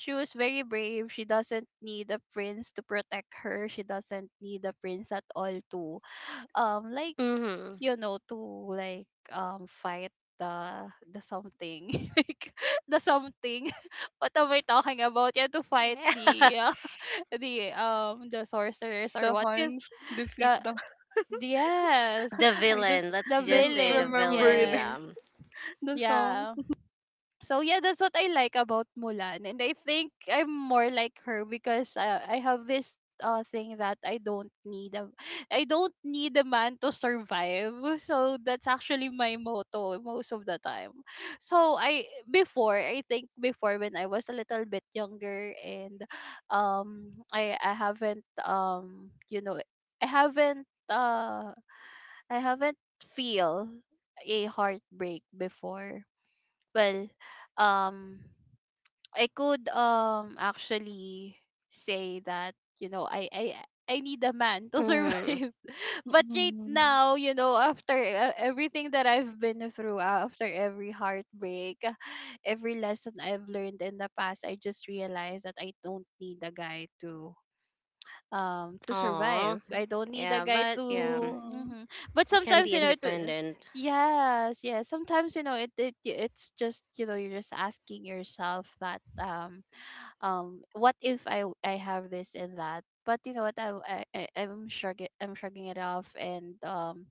A: she was very brave. She doesn't need a prince to protect her. She doesn't need a prince at all to, like,
B: Mm-hmm.
A: you know, to, like, fight the something like the something. What am I talking about? Yeah, to fight the, the sorcerers or
C: The
A: what is
C: Huns defeat
A: the
C: the.
A: yes,
B: the
C: I just
B: villain. Let's
A: the
B: just say the
A: villains,
C: remember
B: villain. Yeah.
A: yes,
C: the song?
A: yeah. So yeah, that's what I like about Mulan, and I think I'm more like her because, I have this thing that I don't need a man to survive. So that's actually my motto most of the time. So I— before, I think, before when I was a little bit younger and, I haven't you know, I haven't uh I haven't feel a heartbreak before, well, um, I could, actually say that, you know, I need a man to
B: Hmm.
A: survive. But right
C: Mm,
A: now, you know, after, everything that I've been through, after every heartbreak, every lesson I've learned in the past, I just realized that I don't need a guy to, to
B: Aw.
A: survive. I don't need a
B: Yeah,
A: guy
B: but yeah,
A: to—
C: mm,
A: hmm, but
B: we can
A: sometimes,
B: be
A: you know, to—
B: independent.
A: yes, yes. Sometimes, you know, it's just, you know, you're just asking yourself that, what if I have this and that. But you know what, I'm shrugging— I'm shrugging it off and,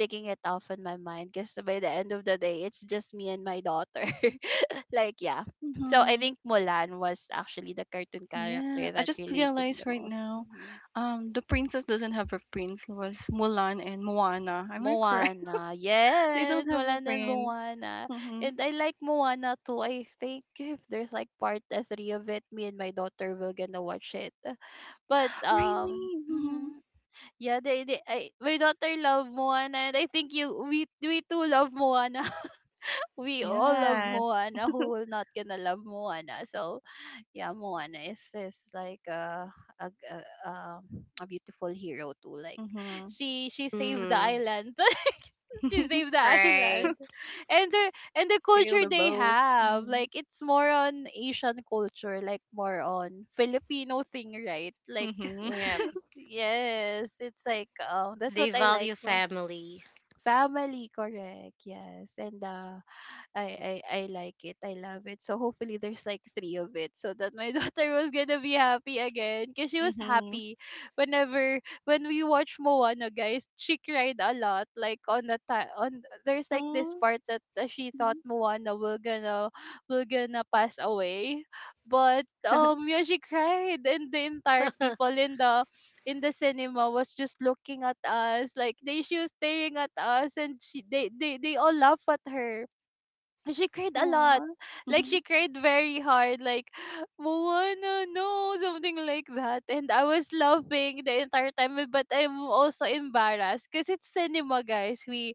A: taking it off in my mind, because by the end of the day it's just me and my daughter. Like, yeah. So I
C: mhm.
A: think Mulan was actually the cartoon
C: Yeah,
A: character
C: I
A: that
C: just
A: related to me
C: realized
A: the
C: right
A: most.
C: now,
A: Mm-hmm.
C: the princess doesn't have a prince. It was Mulan and Moana. Am I correct?
A: Moana.
C: They
A: Yes,
C: don't have a
A: wala na
C: prince.
A: Moana.
C: Hmm.
A: And I like Moana too. I think if there's like part, three of it, me and my daughter will gonna watch it. But,
C: Really? Hmm.
A: mhm. Yeah, my daughter love Moana, and I think you we— we too love Moana. We all love
C: Yes.
A: Moana. Who will not gonna love Moana? So yeah, Moana is— is like a— a, g- a a a beautiful hero too. Like,
C: Hmm.
A: she saved the
B: Hmm.
A: island. She saved the
B: Right.
A: island, and the and the
C: Sail
A: culture
C: the
A: they
C: boat.
A: have,
C: Hmm,
A: like it's more on Asian culture, like more on Filipino thing, right? Like
C: hmm,
B: Yeah.
A: yes, it's like that's
B: They
A: what I like.
B: value family.
A: Family, correct. Yes. And I like it. I love it. So hopefully there's like three of it so that my daughter was gonna be happy again. Cause she was
C: hmm.
A: happy whenever when we watch Moana guys, she cried a lot. Like on the time on there's like this
C: Aww.
A: part that she thought
C: Hmm.
A: Moana will gonna pass away. But yeah, she cried and the entire people in the cinema was just looking at us like they she was staring at us and she they all laugh at her, she cried a lot.
C: Aww.
A: Like
C: Hmm.
A: she cried very hard, like Moana, no, something like that. And I was laughing the entire time, eh, but I'm also embarrassed because it's cinema, guys. We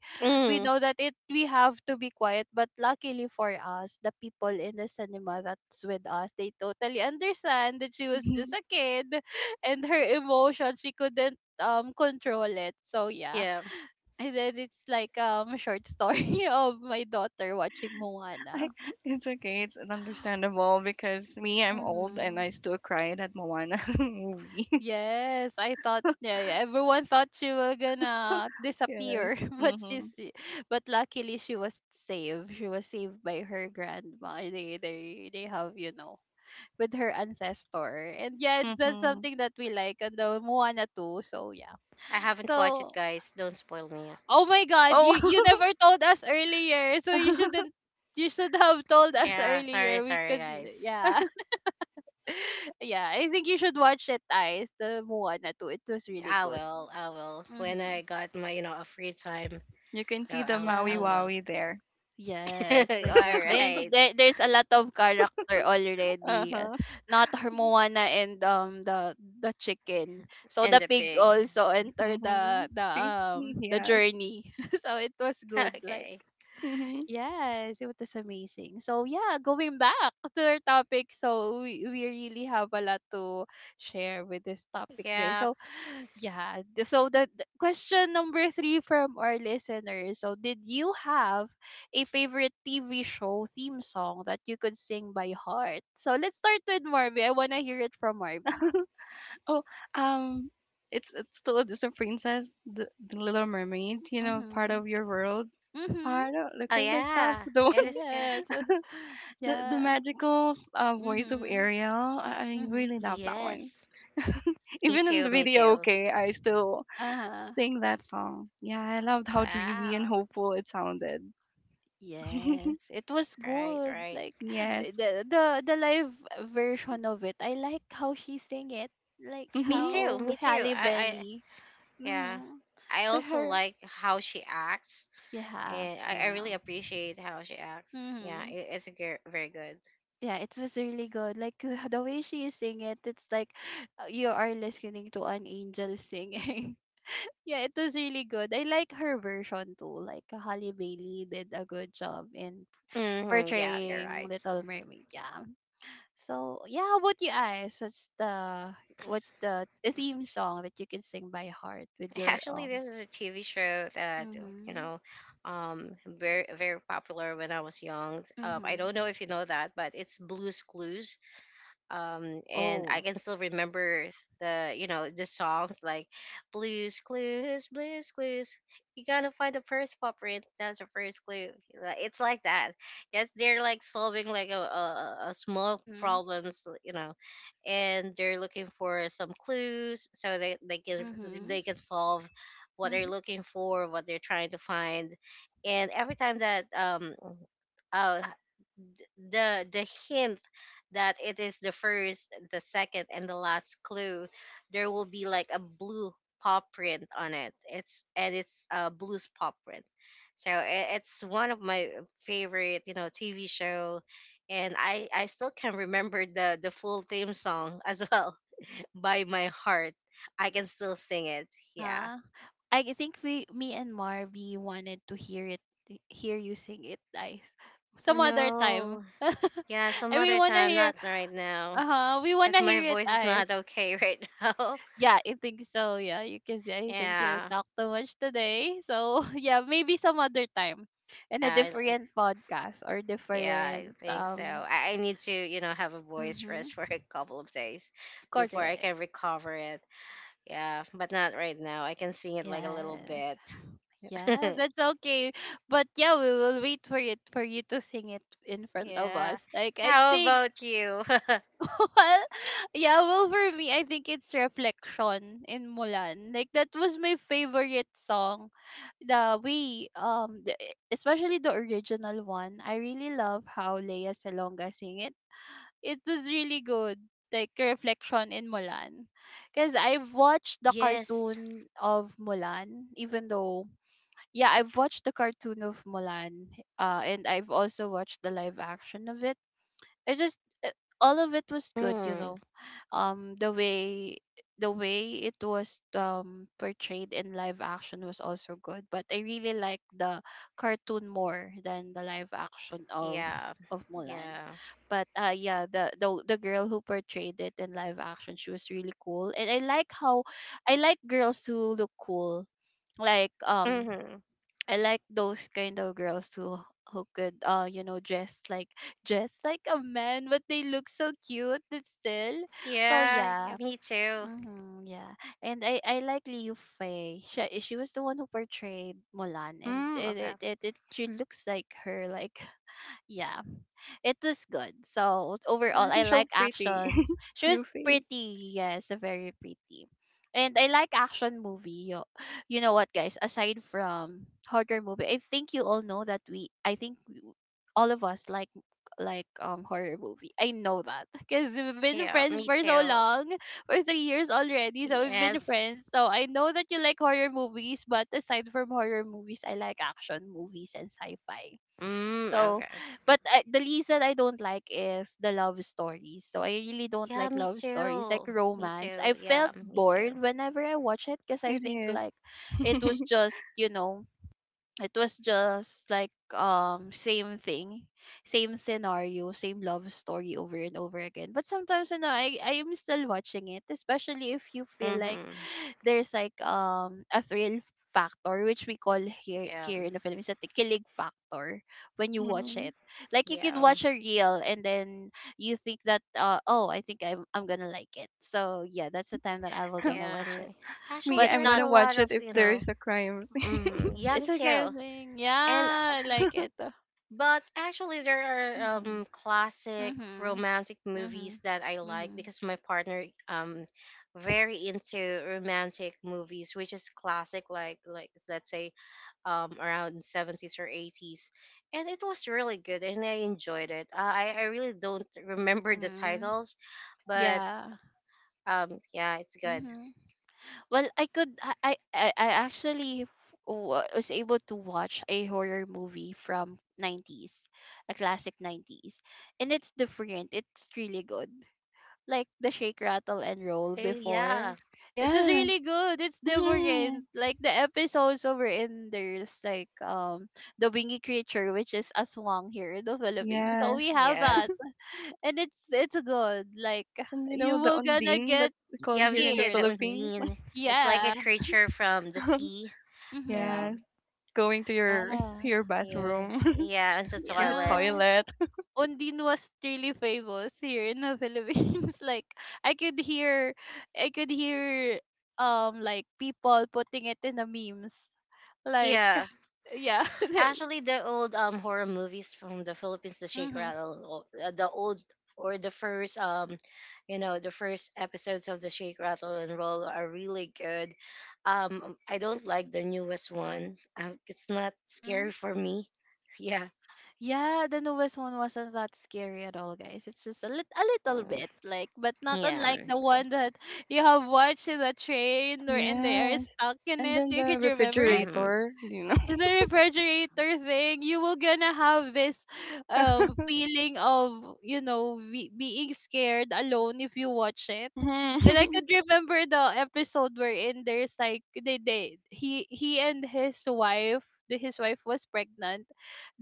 A: we
B: Hmm.
A: know that it we have to be quiet, but luckily for us, the people in the cinema that's with us, they totally understand that she was just a kid, and her emotion she couldn't control it. So yeah,
B: Yeah.
A: and then it's like a short story of my daughter watching Moana.
C: I, it's okay. It's understandable because me, I'm old and
A: Mm-hmm.
C: I still cried at Moana movie.
A: Yes, I thought yeah, yeah, everyone thought she was gonna
C: Yes.
A: disappear,
C: Mhm.
A: but luckily she was saved. She was saved by her grandma. They have, you know, with her ancestor. And yeah, it's that's
C: Mhm.
A: something that we like on the Moana too. So yeah.
B: I haven't watched it,
A: So
B: guys. Don't spoil me.
A: oh my god, you
C: Oh,
A: you never told us earlier. So you shouldn't, you should have told us
B: Yeah, sorry,
A: earlier. We
B: sorry,
A: could
B: guys.
A: yeah. Yeah, I think you should watch it, eyes the Moana too. It was really good.
B: I will. When I
A: Mhm.
B: got my, you know, a free time,
C: you can
B: so
C: see the
B: I
C: Maui
A: Yeah.
B: will.
C: Wowie there.
A: Yes,
B: All
A: exactly. And
B: right,
A: there, there's a lot of character
C: Uh
A: already.
C: huh.
A: Not her Moana and the chicken. So the
B: and the
A: pig
B: pig.
A: also entered
C: Mhm.
A: the the
C: See?
A: um the
C: Yes.
A: journey. So it was good like,
B: Okay.
C: Mhm.
A: yes, it was amazing. So yeah, going back to our topic, so we really have a lot to share with this topic, guys.
B: Yeah.
A: So yeah, so the question number three from our listeners. So did you have a favorite TV show theme song that you could sing by heart? So let's start with Marvy. I wanna hear it from Marvy.
C: Oh, um, it's still a Disney princess, the Little Mermaid. You know, part
A: Mhm.
C: of your world.
A: Mhm.
C: Part
B: Oh
C: of look at this
B: yeah,
C: stuff.
B: it
C: The one,
B: is good.
A: Yes.
C: the
A: Yeah.
C: magical voice of
A: Mhm.
C: Ariel. I
A: Mhm.
C: really love that one.
B: Yes. Me
C: Even in
B: too.
C: the
B: Me
C: video,
B: too.
C: okay, I still
A: Uh huh.
C: sing that song. Yeah, I loved how dreamy and
B: Wow.
C: hopeful it sounded.
A: Yes, it was
B: Right.
A: good.
B: Right.
A: Like
C: Yes.
A: eh, the the live version of it. I like how she sing it. Like
B: Me
C: Mm-hmm.
B: too.
A: how
B: Me too.
A: Halle
B: I. I.
A: Berry.
B: Yeah.
A: Mm-hmm.
B: I
A: The
B: also
A: her
B: like how she acts,
A: she hacks.
B: and I
A: Yeah.
B: really appreciate how she acts. Yeah,
A: Mm-hmm.
B: it, it's a very good.
A: Yeah, it was really good. Like the way she sing it, it's like you are listening to an angel singing. Yeah, it was really good. I like her version too. Like Halle Bailey did a good job in
B: Hmm, yeah, you're
A: portraying
B: right.
A: Little Mermaid. Yeah. So yeah, how about you Ice? What's the, what's the theme song that you can sing by heart with your?
B: Actually, this is a TV show that, you
A: Mhm.
B: know, very popular when I was young. I
A: Mhm.
B: don't know if you know that, but it's Blue's Clues. And I
A: Oh.
B: can still remember the, you know, the songs like Blue's Clues, Blue's Clues. You gotta find the first pop print, that's the first clue. Like, it's like that. Yes, they're like solving like a small
A: Mhm.
B: problems, you know, and they're looking for some clues, so
A: Mhm.
B: they can solve what they're
A: Mhm.
B: looking for, what they're trying to find. And every time that uh the hint that it is the first, the second, and the last clue, there will be like a blue paw print on it. It's, and it's a Blue's paw print. So, it's one of my favorite, you know, TV show, and I still can remember the full theme song as well by my heart. I can still sing it.
A: Uh
B: Yeah.
A: huh. Think we, me and Marby wanted to hear it, hear you sing it, guys.
B: Oh
A: Some other time.
B: no. Yeah, some
A: And we
B: other
A: wanna
B: time,
A: hear.
B: not right now,
A: Uh huh. We
B: because
A: wanna
B: my
A: hear it,
B: voice is
A: guys.
B: not okay right now.
A: Yeah, I think so. Yeah, you can see. I think you
B: Yeah.
A: talked too much today. So yeah, maybe some other time, in
B: Yeah,
A: a
B: like,
A: different podcast or
B: yeah, I
A: different.
B: think so. I need to, you know, have a voice
A: Mm-hmm.
B: rest for a couple of days before I
A: Correct.
B: can recover it. Yeah, but not right now. I can sing it like a little
A: Yes.
B: bit.
A: Yeah, that's okay. But yeah, we will wait for it for you to sing it in front of
B: Yeah.
A: us. Like I
B: How
A: think
B: about you?
A: well, yeah, well for me, I think it's reflection in Mulan. Like that was my favorite song, the way especially the original one, I really love how Leia Salonga sing it. It was really good, like a reflection in Mulan because I've watched the
B: Yes.
A: cartoon of Mulan. Even though yeah, I've watched the cartoon of Mulan, and I've also watched the live action of it. It just uh, all of it was good, you know.
B: Mm.
A: The way the way it was portrayed in live action was also good, but I really like the cartoon more than the live action of
B: Yeah.
A: Mulan.
B: Mm-hmm.
A: But yeah, the, the girl who portrayed it in live action, she was really cool, and I like how I like girls who look cool, like
B: Yeah. Hmm.
A: I like those kind of girls who could you know dress like, dress like a man but they look so cute still. So
B: Yeah,
A: yeah.
B: me too.
A: Mm-hmm, yeah. And I like Liu Fei. She was the one who portrayed Mulan and it
B: Mm,
A: it,
B: okay.
A: it, it she looks like her like yeah, it was good. So overall,
C: Yeah,
A: I
C: she's
A: like
C: so pretty.
A: actions. She was
C: Yuffie.
A: pretty, yes, very pretty. And I like action movie. You know what, guys? Aside from horror movie, I think you all know that we. I think all of us like like horror movie. I know that because we've been
B: Yeah,
A: friends
B: me
A: for so
B: too.
A: long, for 3 years already. So we've been
B: Yes.
A: friends. So I know that you like horror movies, but aside from horror movies, I like action movies and sci-fi.
B: Mm,
A: So,
B: okay.
A: the reason I don't like is the love stories. So I really don't
B: Yeah,
A: like
B: me
A: love stories, like
B: too. Me
A: romance.
B: too.
A: I
B: Yeah,
A: felt
B: me too.
A: bored whenever I watch it because I
C: It
A: think like
C: is.
A: it was just you know it was just like same thing, same scenario, same love story over and over again. But sometimes you know I am still watching it, especially if you feel like
B: Mm-hmm.
A: there's like a thrill factor which we call
B: Yeah,
A: here in the Philippines the kilig factor when you watch it.
C: Mhm.
A: Like you could
B: yeah,
A: watch a reel and then you think that uh oh I think I'm gonna like it. So yeah, that's the time that I will gonna watch
B: yeah.
A: it.
B: Actually,
C: Me,
A: But
C: I'm
B: there's
A: not
C: gonna
B: a
C: watch
B: lot
C: it
B: of,
C: if
B: you
C: there is
B: know.
C: a crime.
B: Mm, yeah, me
A: it's a kind
B: too.
A: of thing. Yeah,
B: And
A: I like it.
B: but actually, there are
A: Mhm.
B: classic
A: Mhm.
B: romantic movies
A: Mhm.
B: that I like,
A: Mhm.
B: because my partner very into romantic movies, which is classic, like let's say around seventies or eighties, and it was really good, and I enjoyed it. I really don't remember the
A: Mhm.
B: titles, but
A: Yeah.
B: yeah, it's good.
A: Mhm. Well, I could I actually was able to watch a horror movie from 90s, a classic 90s. And it's different. It's really good. Like the shake rattle and roll
B: Yeah,
A: before. It is
C: Yes.
A: really good. It's
C: Hmm.
A: different. Like the episodes over in there's like the wingy creature which is aswang here in the Philippines. So
C: Yes.
A: we have
B: yeah,
A: that. And it's good. Like
C: And you
A: you
C: know the
A: will gonna
C: Ondine
A: get
C: that's called
B: yeah.
C: here
B: We
C: in the
B: say
A: scared.
B: the
C: Philippines?
B: undine. It's like a
A: Yeah.
B: creature from the sea. Yeah,
A: Mhm.
C: Yes. Going to
A: Yeah.
C: your
B: yeah,
C: bathroom,
B: yeah. Into
C: to your
B: toilet.
A: Yeah.
C: toilet.
A: Ondine was really famous here in the Philippines. Like I could hear I could hear like people putting it in the memes. Like
B: Yeah,
A: yeah.
B: actually, the old horror movies from the Philippines, the Shake
A: Mhm.
B: Rattle, o- the old, or the first you know, the first episodes of the Shake Rattle and Roll are really good. I don't like the newest one. It's not
A: Mhm.
B: scary for me. Yeah,
A: Yeah, the newest one wasn't that scary at all, guys. It's just a, a little
B: mm,
A: bit, like, but not
B: yeah.
A: unlike the one that you have watched in the train or and they are
C: Yes.
A: stuck in
C: And
A: it.
C: then
A: You
C: the
A: could remember it.
B: Mm-hmm.
C: refrigerator, you know.
A: The refrigerator thing, you will gonna have this feeling of you know being scared alone if you watch it. And I
C: Mhm.
A: could remember the episode wherein there's like they he and his wife, the his wife was pregnant.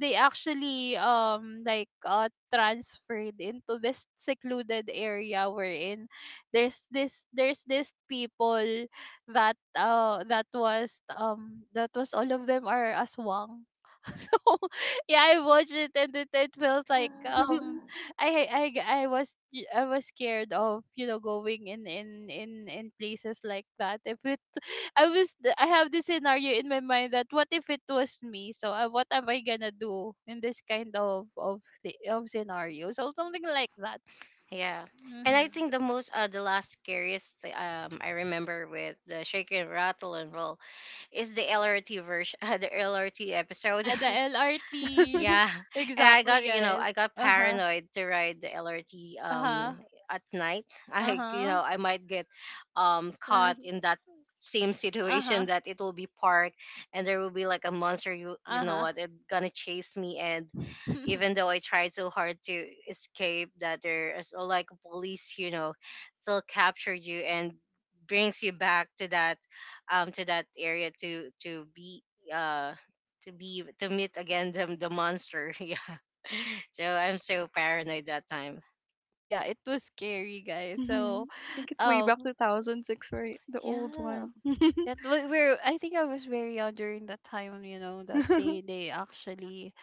A: They actually like transferred into this secluded area wherein there's this people that that was all of them are aswang. So yeah, I watched it and it felt like
C: Mhm.
A: I was I was scared of you know going in places like that if it I have this scenario in my mind that what if it was me, so what am I gonna do in this kind of of scenario, so something like that.
B: Yeah. And I
A: Hmm.
B: think the most, the last scariest I remember with the Shake and Rattle and Roll is the LRT version, the LRT episode.
A: Yeah, the lrt.
B: Yeah, and I
A: Exactly,
B: got, you know,
A: guys.
B: I got
A: Uh huh.
B: paranoid to ride the LRT
A: Uh-huh.
B: at night. I, you
A: Uh-huh.
B: know, I might get
A: Uh,
B: caught in that same
A: Uh-huh.
B: situation, that it will be parked, and there will be like a monster, you know
A: Uh-huh.
B: what, it gonna chase me, and even though I try so hard to escape, that there is, like police, you know, still capture you and brings you back to that area to be, uh to be to meet again the monster. Yeah. So I'm so paranoid that time.
A: Yeah, it was scary, guys.
C: I
A: So,
C: think it's way back
A: um
C: 2006, right? The old
A: yeah.
C: one.
A: That we were I think I was very young during that time, you know, that they actually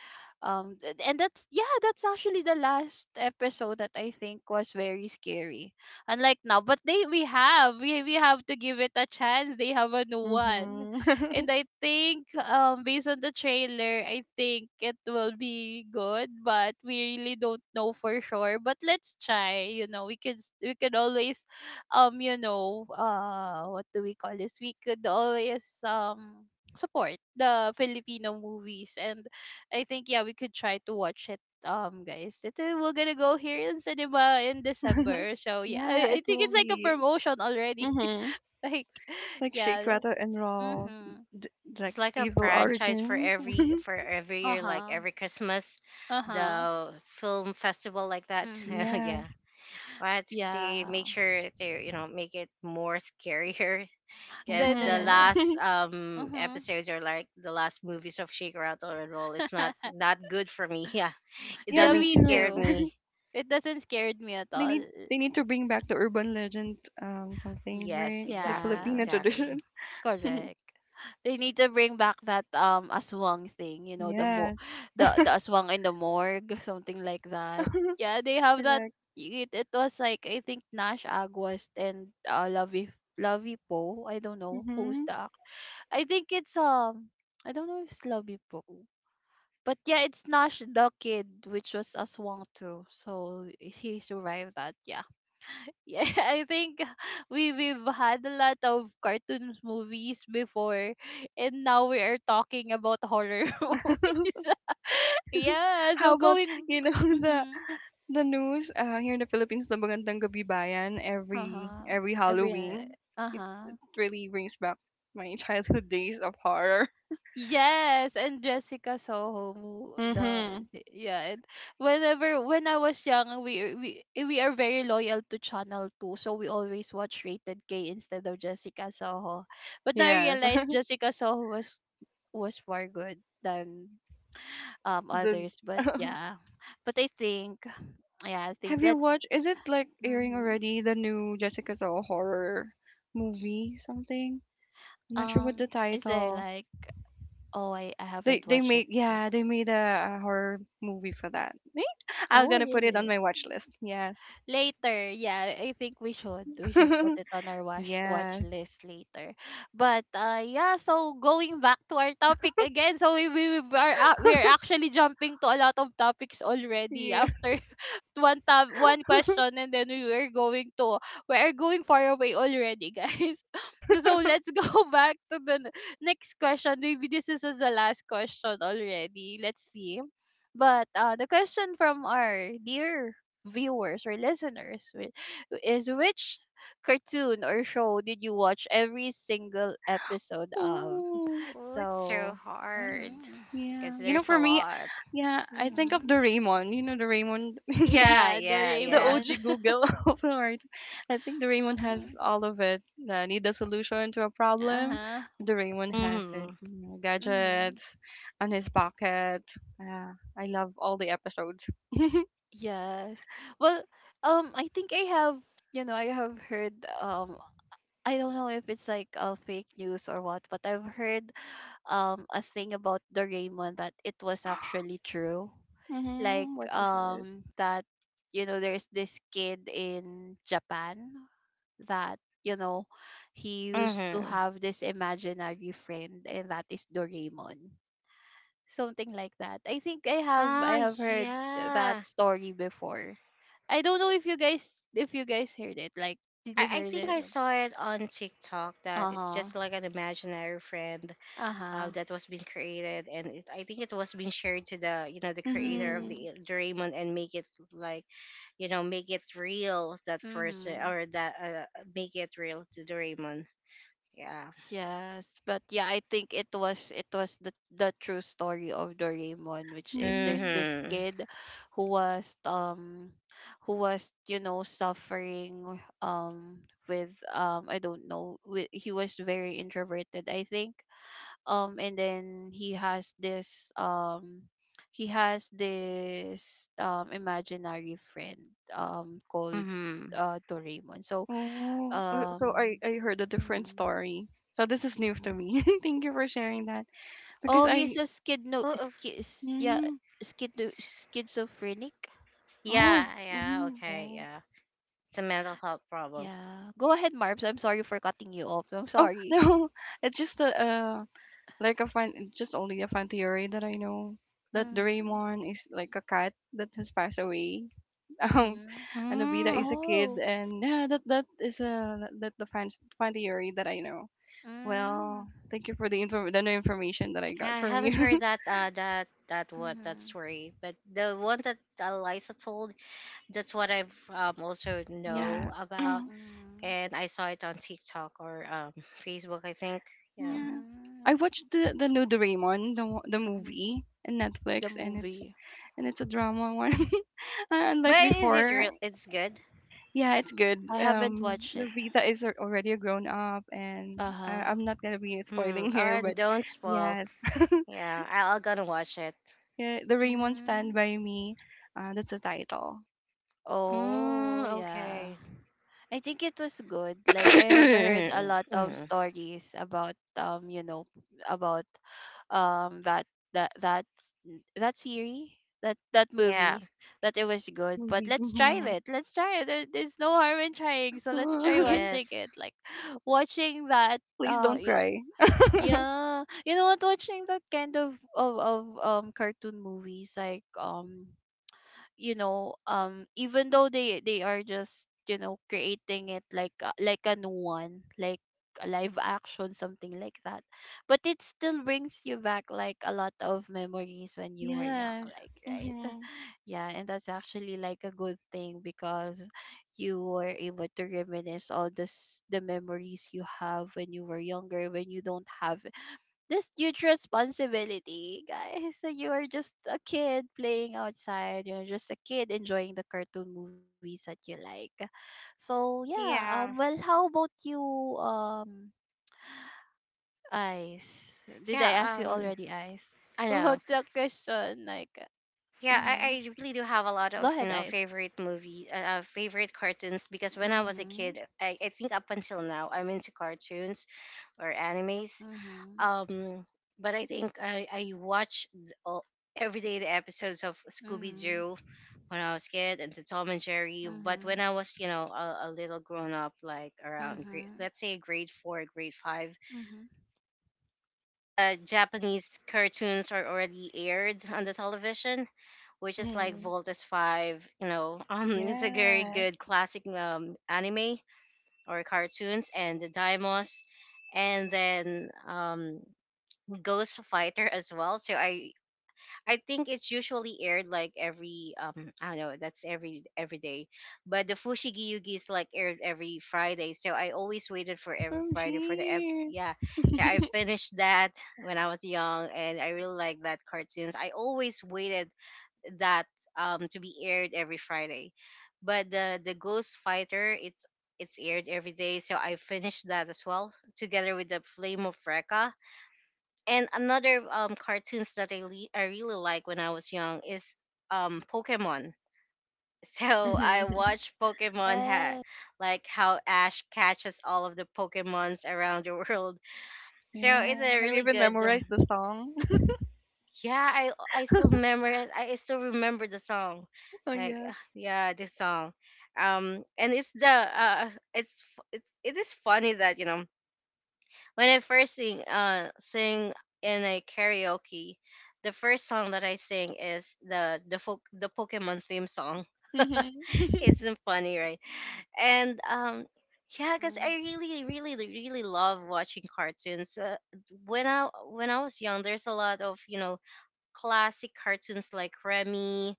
A: and that's yeah, that's actually the last episode that I think was very scary. Unlike now, but they we have we have to give it a chance. They have a new one.
C: Mhm.
A: And I think based on the trailer, I think it will be good, but we really don't know for sure. But let's try, you know. We could we could always what do we call this we could always support the Filipino movies and I think yeah we could try to watch it, guys it, we're gonna go here in cinema in December. So yeah
C: Yeah,
A: I
C: it
A: think
C: will
A: it's like a
C: be.
A: promotion already.
C: Mhm.
A: Like
C: Like Shake
A: yeah.
C: Rattle and Roll,
A: Mm-hmm.
C: d- like
B: It's like a
C: Evil
B: franchise
C: Origins.
B: for every year, like
A: Uh-huh.
B: every Christmas,
A: Uh-huh.
B: the film festival like that.
A: Mm-hmm.
B: Yeah.
C: Yes.
B: But they
A: Yeah.
B: make sure to, you know, make it more scarier. Because
A: Then
B: the
C: Mhm.
B: last
A: mm-hmm.
B: episodes are like the last movies of Shake Rattle and Roll. It's not not good for me. Yeah. It
C: Yeah,
A: Yeah,
B: doesn't
C: me
A: me
C: too.
B: scare
A: too.
B: me.
A: It doesn't scared me at
C: They
A: all.
C: need they need to bring back the urban legend something,
B: Yes,
C: right? The
B: exactly,
C: Filipino
A: Yeah.
B: exactly.
C: tradition.
A: Correct. They need to bring back that aswang thing, you know,
C: Yes.
A: the aswang in the morgue, something like that. Yeah, they have that.
C: Correct.
A: It was like I think Nash Aguas and Lavi Poe. I don't know who's
C: Mhm.
A: the act. I think it's I don't know if it's Lavi Poe. But yeah, it's Nash the kid, which was aswang too. So he survived that. Yeah. Yeah, I think we've had a lot of cartoons movies before, and now we are talking about horror movies. Yeah,
C: How
A: so
C: about,
A: going.
C: you know, the
A: Mm-hmm.
C: the news here in the Philippines, the Magandang Gabi Bayan
A: Uh huh.
C: every
A: Every.
C: Halloween.
A: Uh
C: It
A: huh.
C: really brings back my childhood days of horror.
A: Yes, and Jessica Soho, the
C: Mhm.
A: yeah. And when I was young, we we are very loyal to Channel Two, so we always watch Rated K instead of Jessica Soho. But now I
C: Yes.
A: realized Jessica Soho was for good than
C: The
A: others, but yeah, but I think yeah, I think
C: Have you
A: let's
C: watched? Is it like airing
A: hmm
C: already? The new Jessica Soul horror movie, something. I'm not sure what
A: um
C: the
A: is there
C: title.
A: like, oh, I haven't
C: They
A: watched it
C: made
A: still.
C: yeah they made a horror movie for that. Eh, I'm
A: Oh
C: gonna put it on
A: really,
C: my watch list. Yes.
A: later, yeah, I think we should put it on our watch
C: Yes.
A: list later. But yeah, so going back to our topic again. So we are actually jumping to a lot of topics already
C: Yeah.
A: after one tab, one question, and then we were going to, we are going far away already, guys. So let's go back to the next question. Maybe this is the last question already. Let's see. But the question from our dear viewers or listeners, is which cartoon or show did you watch every single episode of?
C: Ooh.
B: Oh, it's so
A: So,
B: hard
A: mhm,
B: because
C: Yeah. You know,
B: there's a
C: for me,
B: lot.
C: yeah, I think of
A: mhm,
C: Doraemon. You know, Doraemon,
B: Yeah,
A: yeah,
B: yeah,
C: the
B: yeah.
C: OG
A: Doraemon.
C: Google of the art. I think Doraemon has
A: Mhm,
C: all of it. Need a solution to a
A: uh
C: problem.
A: huh.
C: Doraemon has it.
B: Mm-hmm.
C: You know,
A: Mm-hmm.
C: gadgets on his pocket. Yeah, I love all the episodes.
A: Yes. Well, I think I have, you know, I have heard, um, I don't know if it's like fake news or what, but I've heard a thing about Doraemon that it was
C: Mm-hmm.
A: actually true. Like
C: What is it?
A: that, you know, there's this kid in Japan that, you know, he used to
B: Mm-hmm.
A: have this imaginary friend, and that is Doraemon, something like that. I think I
B: Ah,
A: have heard that
B: yeah.
A: story before. I don't know if you guys, if you guys heard it. Like, did
B: I,
A: you
B: I
A: hear
B: think
A: it?
B: I saw it on TikTok that
A: Uh
B: it's
A: huh.
B: just like an imaginary friend
A: Uh huh.
B: that was being created, and I think it was being shared to the the creator of
C: Mm-hmm.
A: Mhm.
B: the Doraemon and make it like make it real that person
A: Mhm.
B: or that make it real to Doraemon. Yeah.
A: Yes, but yeah, I think it was the true story of Doraemon, which is there's
C: Mm-hmm.
A: this
B: Mm-hmm.
A: kid who was who was, you know, suffering with I don't know, with, he was very introverted I think, and then he has this imaginary friend called
B: Mm-hmm.
A: Doraemon. So
C: Oh, so
A: um
C: I heard a different
A: mhm,
C: story. So this is new to
A: mhm.
C: me. Thank you for sharing that because
A: Oh, he's
C: I
A: a skid no
B: Oh,
A: skis, yeah,
C: mm,
A: schizo schizophrenic.
C: oh
B: yeah, yeah,
C: hmm
B: okay,
A: Oh
B: yeah. It's a mental health problem.
A: yeah. Go ahead, Marbs. I'm sorry for cutting you off. I'm
C: oh
A: sorry.
C: no, it's just a like a fun it's just only a fun theory that I know that
A: Mhm.
C: Doraemon is like a cat that has passed away. Um,
A: Mhm.
C: and Nobita
B: Mm.
C: is a kid,
A: Oh.
C: and yeah, that is a that the fun theory that I know.
A: Mm.
C: Well, thank you for the info the new information that I
B: Yeah,
C: got
B: I
C: from
B: haven't
C: you.
B: heard that what that
A: Mhm.
B: story, but the one that Eliza told, that's what I've also
C: Yeah.
B: know about,
A: Mm.
B: and I saw it on TikTok or Facebook, I think. Yeah,
C: Yeah. I
A: Mm.
C: watched the new Doraemon, the
A: Mhm.
C: movie in
A: The
C: Netflix,
A: movie.
C: and it's a drama one. Unlike
B: but is it
C: before.
B: real? It's good.
C: Yeah, it's good.
A: I haven't watched it.
C: Nobita is already a grown up, and
A: Uh-huh.
C: I'm not gonna be
B: Mm.
C: spoiling here,
B: Or
C: but
B: don't spoil.
C: yeah,
B: Yeah, I'll gonna watch it.
C: yeah, the Doraemon Stand
A: Mm.
C: by Me. That's the title
B: Mm,
A: Oh, yeah.
B: okay.
A: I think it was good. Like I have heard a lot of
B: Mhm.
A: stories about you know, about that that that that series, that
B: Yeah.
A: movie, that it was good. But
C: movie.
A: let's try
C: Hmm.
A: it. Let's try it. There's no harm in trying. So let's try watching it.
B: Yes.
A: Like watching that
C: Please
A: uh
C: don't
A: y-
C: cry.
A: Yeah, you know what? Watching that kind of cartoon movies, like you know, even though they are just, you know, creating it like like a new one, like a live action, something like that, but it still brings you back like a lot of memories when you were young,
C: Yeah.
A: like, right?
C: Hmm.
A: Yeah, and that's actually like a good thing, because you were able to reminisce all this the memories you have when you were younger, when you don't have this huge responsibility, guys. So you are just a kid playing outside, you know, just a kid enjoying the cartoon movies that you like. So yeah,
B: Yeah.
A: well, how about you, um Ice? Did I ask
B: Yeah,
A: you already, Ice?
B: I
A: About
B: know.
A: the question, like
B: Yeah,
A: mm-hmm.
B: I really do have a lot
A: Go
B: of,
A: ahead, Ice.
B: favorite movie, favorite cartoons because when I was a kid,
A: Mhm.
B: I think up until now, I'm into cartoons or animes.
A: Mhm.
B: Um, but I think I watched all, every day the episodes of
A: Mhm.
B: Scooby-Doo when I was a kid and the Tom and Jerry. But when
A: Mhm.
B: I was, a, little grown up, like around grade,
A: Mhm.
B: let's say grade four, grade five,
A: Mhm.
B: Japanese cartoons are already aired on the television which is like
C: Hmm.
B: Voltus 5, it's a very
C: Yeah.
B: good classic anime or cartoons, and the Daimos, and then Ghost Fighter as well. So I think it's usually aired like every I don't know that's every day, but the Fushigi Yugi is like aired every Friday. So I always waited for every
C: Oh,
B: Friday for the
C: gee.
B: yeah. So I finished that when I was young, and I really like that cartoons. I always waited that to be aired every Friday. But the Ghost Fighter it's aired every day, so I finished that as well together with the Flame of Recca. And another cartoons that I really like when I was young is Pokemon. So I
C: Mhm.
B: watched Pokemon
A: Yes.
B: like how Ash catches all of the Pokemons around the world. So
C: Yeah.
B: it's a
C: Have you
B: really
C: even
B: good
C: memorized the song?
B: yeah I still remember it. I still remember the song
C: Oh,
B: like
C: yes.
B: ah, yeah this song and it's the it's it is funny that when I first sing sing in a karaoke the first song that I sing is the the pokemon theme song
C: Mhm.
B: isn't funny right and yeah because
A: Mhm.
B: I really really love watching cartoons when I was young there's a lot of classic cartoons like Remy,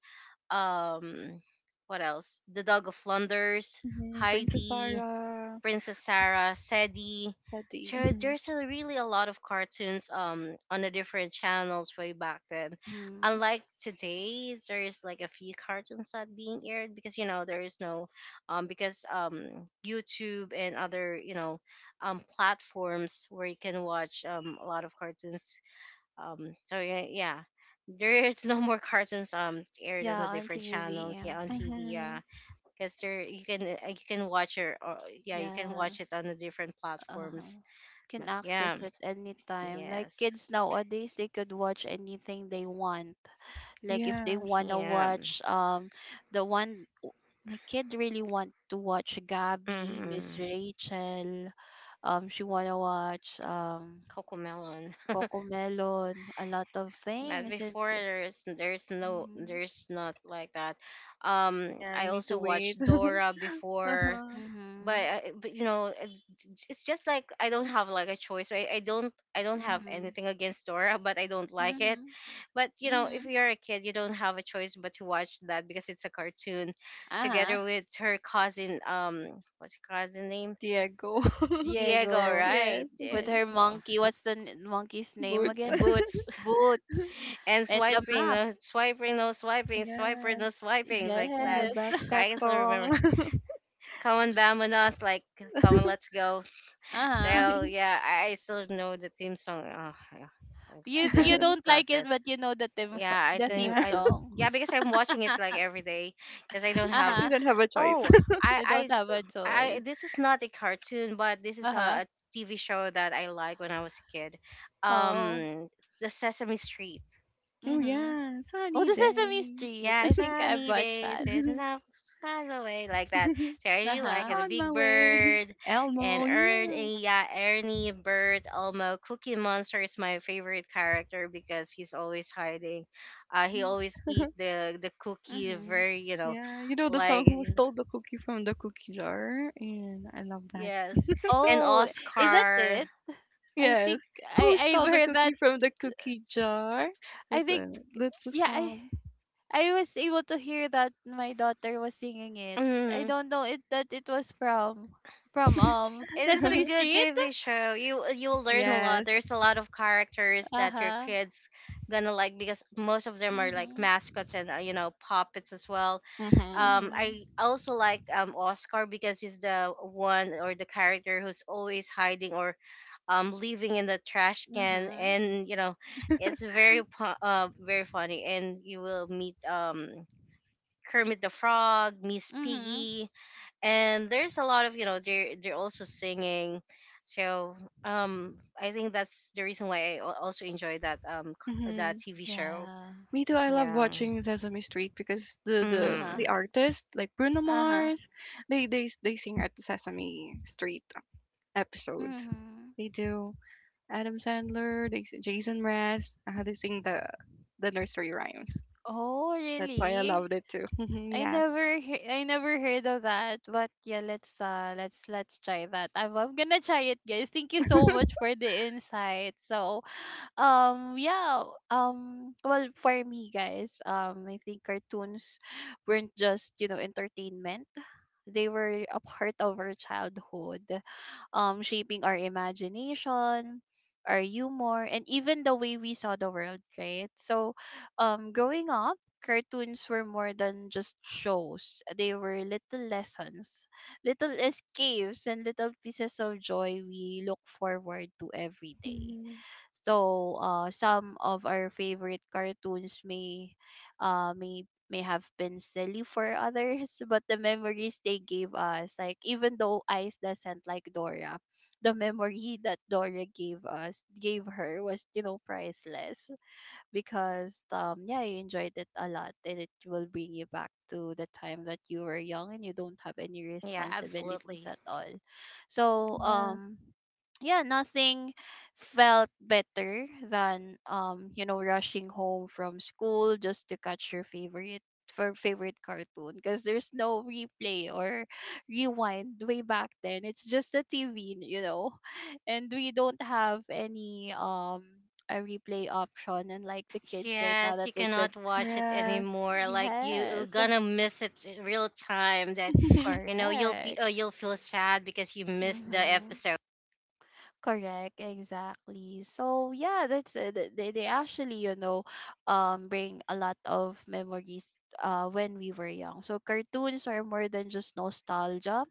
B: um, what else? The Dog of Flanders,
C: Mhm. Princess
B: Heidi,
C: Sarah.
B: Princess Sarah, Sadie.
C: Teddy.
B: So
C: Mhm.
B: there's a really a lot of cartoons on the different channels way back then.
A: Mhm.
B: Unlike today, there is like a few cartoons not being aired because there is no because YouTube and other platforms where you can watch a lot of cartoons so yeah, yeah, there's no more cartoons aired on
A: Yeah,
B: the
A: on
B: different channels.
A: TV.
B: Yeah, on TV. Yeah,
C: Mhm.
B: because there you can watch yeah you can
A: Yeah.
B: watch it on the different
A: Uh-huh.
B: platforms.
A: Can
B: But yeah,
A: access it anytime. Like
B: yes,
A: kids nowadays, they could watch anything they want. Like if they
C: Yes.
A: wanna
B: yeah.
A: watch the one, my kid really want to watch Gabby, Miss
B: Mm-mm.
A: Rachel. She wanna watch
B: Cocomelon.
A: Coco Melon, a lot of
B: But
A: things. And
B: before there's no
A: mhm,
B: there's not like that.
C: Yeah,
B: I
C: I need to
B: also
C: wait.
B: watched Dora before.
C: Uh-huh.
B: But
A: mhm,
B: you know it's just like I don't have like a choice right I don't have
A: mhm,
B: anything against dora but I don't like it
A: mhm,
B: but you know if
A: mhm.
B: you're a kid you don't have a choice but to watch that because it's a cartoon
A: Uh huh.
B: together with her cousin what's her cousin name
C: Diego.
B: diego
A: Diego
C: Yes.
B: right
A: with
C: Mhm.
A: her
B: diego
A: monkey. What's the monkey's name
C: Boots.
A: again?
B: boots
A: Boots
B: and
A: and the
B: swiping
A: map.
B: no swiping no swiping swiper
C: Yes.
B: no swiping like
C: And
B: that
C: the
A: Yes.
C: backpack
B: I still remember
C: song.
B: come on vamonos like come on let's go.
A: Uh-huh.
B: So yeah, I still know the theme song. Oh, yeah, I
A: You
B: can't
A: don't like
B: discuss it.
A: it, but you know the theme
B: Yeah, I
A: the
B: think
A: theme
C: Yeah.
B: I
A: song.
B: yeah because I'm watching it like every day because I don't have.
C: You
A: Uh-huh.
C: don't have a choice.
B: Oh, I
A: You
B: I
A: don't have a
B: I
A: choice.
B: this is not a cartoon, but this is
A: Uh-huh.
B: a TV show that I like when I was a kid.
A: Oh.
B: Um, the Sesame Street.
C: Oh,
A: Mm-hmm.
C: yes.
A: Oh,
C: Sunny
A: the Sesame
C: day.
A: Street.
B: Yeah,
A: I think I've
B: sunny
A: watched
B: days
A: that.
B: with love flies away like that. So I really like
A: Uh-huh.
B: the
C: On
B: Big
C: my way,
B: Bird and
C: Elmo. Yeah,
B: Ernie, yeah, Ernie, Bird, Elmo. Cookie Monster is my favorite character because he's always hiding. He always eat the cookie
A: Mm-hmm.
B: very, you know,
C: yeah. You know the song
B: like
C: "Who Stole the Cookie from the Cookie Jar," and I love that.
B: yes. And
A: Oh, is that
B: Oscar.
A: it? I
C: Yes,
A: think
C: "Who
A: I've
C: Stole the
A: heard that.
C: Cookie from the Cookie Jar."
A: I
C: That's
A: think
C: a that's the
A: yeah,
C: song.
A: I was able to hear that my daughter was singing it. I
B: Mm-hmm.
A: don't know it that it was from
B: It's a
A: Sesame
B: good
A: Street.
B: TV show. You you'll learn a lot.
C: Yes.
B: There's a lot of characters
A: Uh
B: that your
A: huh.
B: kids gonna like because most of them are like
A: Mhm.
B: mascots and you know puppets as well.
C: Mhm.
A: Mhm.
B: I also like Oscar because he's the one or the character who's always hiding or living in the trash can,
A: Mhm.
B: and you know it's very funny. And you will meet Kermit the Frog, Miss
A: Mhm.
B: Piggy, and there's a lot of you know they're also singing so um I think that's the reason why also enjoy that that
C: Mhm.
B: tv show
A: Yeah.
C: Me too. I love
B: yeah
C: watching Sesame Street because
A: Uh huh.
B: mm-hmm.
C: the artist like Bruno
A: Uh huh.
C: Mars, they sing at the Sesame Street episodes.
A: Mhm.
C: They do. Adam Sandler, Jason Mraz, they sing the nursery rhymes.
A: Oh,
C: That's why I
A: really?
C: loved it too. Yes.
A: I never heard of that. But yeah, let's try that. I'm gonna try it, guys. Thank you so much for the insight. So yeah, well, for me, guys, I think cartoons weren't just, you know, entertainment. They were a part of our childhood, shaping our imagination, our humor, and even the way we saw the world, right? So growing up, cartoons were more than just shows. They were little lessons, little escapes, and little pieces of joy we look forward to every day.
C: Mhm.
A: So some of our favorite cartoons may, may have been silly for others, but the memories they gave us, like even though Ice doesn't like Dora, the memory that Dora gave her was, you know, priceless, because yeah, you enjoyed it a lot, and it will bring you back to the time that you were young and you don't have any
B: Yeah
A: responsibilities
B: absolutely
A: at all. So
C: Yeah.
A: yeah, nothing felt better than you know, rushing home from school just to catch your favorite for favorite cartoon, because there's no replay or rewind way back then. It's just the TV, you know, and we don't have any a replay option, unlike the kids right now
B: yes
A: that
B: you
A: they could,
B: cannot watch it
C: Yeah.
B: anymore like you're
A: yes,
B: gonna miss it in real time that you know you'll be
A: correct,
B: you'll feel sad because you missed the
A: mm-hmm.
B: episode.
A: Correct, exactly. So yeah, that's it. They actually, you know, bring a lot of memories when we were young. So cartoons are more than just nostalgia.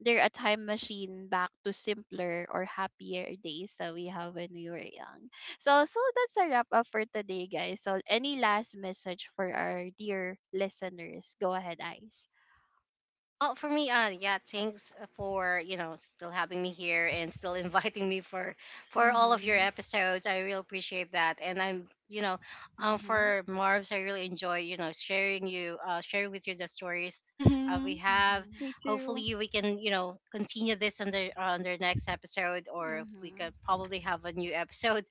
A: They're a time machine back to simpler or happier days that we have when we were young. So that's a wrap up for today, guys. So any last message for our dear listeners? Go ahead, Ice.
B: Well, for me, yeah, thanks for you know still having me here and still inviting me for all of your
A: Mhm.
B: episodes. I really appreciate that, and I'm you know,
A: Mhm.
B: for Marbs, I really enjoy you know sharing with you the stories we
C: Mhm.
B: have.
A: Mhm.
C: Me too.
B: Hopefully, we can you know continue this on the next episode, or we
A: Mhm.
B: could probably have a new episode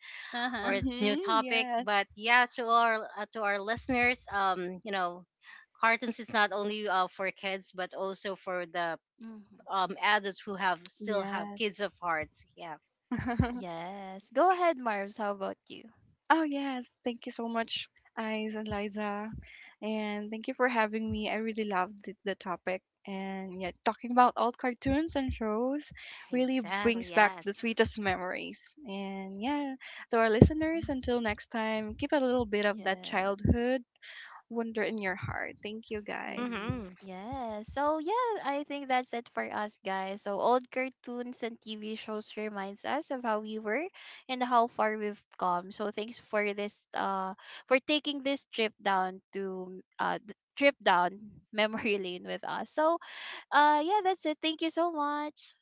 B: or
A: Uh-huh.
B: a new
C: Mhm.
B: topic.
C: Yes.
B: But yeah, to our listeners, you know, cartoons is not only for kids but also for the
A: Mhm.
B: adults who have still have
C: Yes.
B: kids of hearts. Yeah,
A: Yes. Go ahead, Marv's. How about you?
C: Oh, yes. Thank you so much, Eyes and Liza. And thank you for having me. I really loved the topic. And yeah, talking about old cartoons and shows really
B: exactly.
C: brings back the
B: Yes.
C: sweetest memories. And yeah, to our listeners,
A: Mhm.
C: until next time, keep a little bit of that
A: Yes.
C: childhood wonder in your heart. Thank you, guys.
A: Mm-hmm.
B: Mm-hmm.
A: Yes. So yeah, I think that's it for us, guys. So old cartoons and TV shows reminds us of how we were and how far we've come. So thanks for this for taking this trip down to trip down memory lane with us. So yeah, that's it. Thank you so much.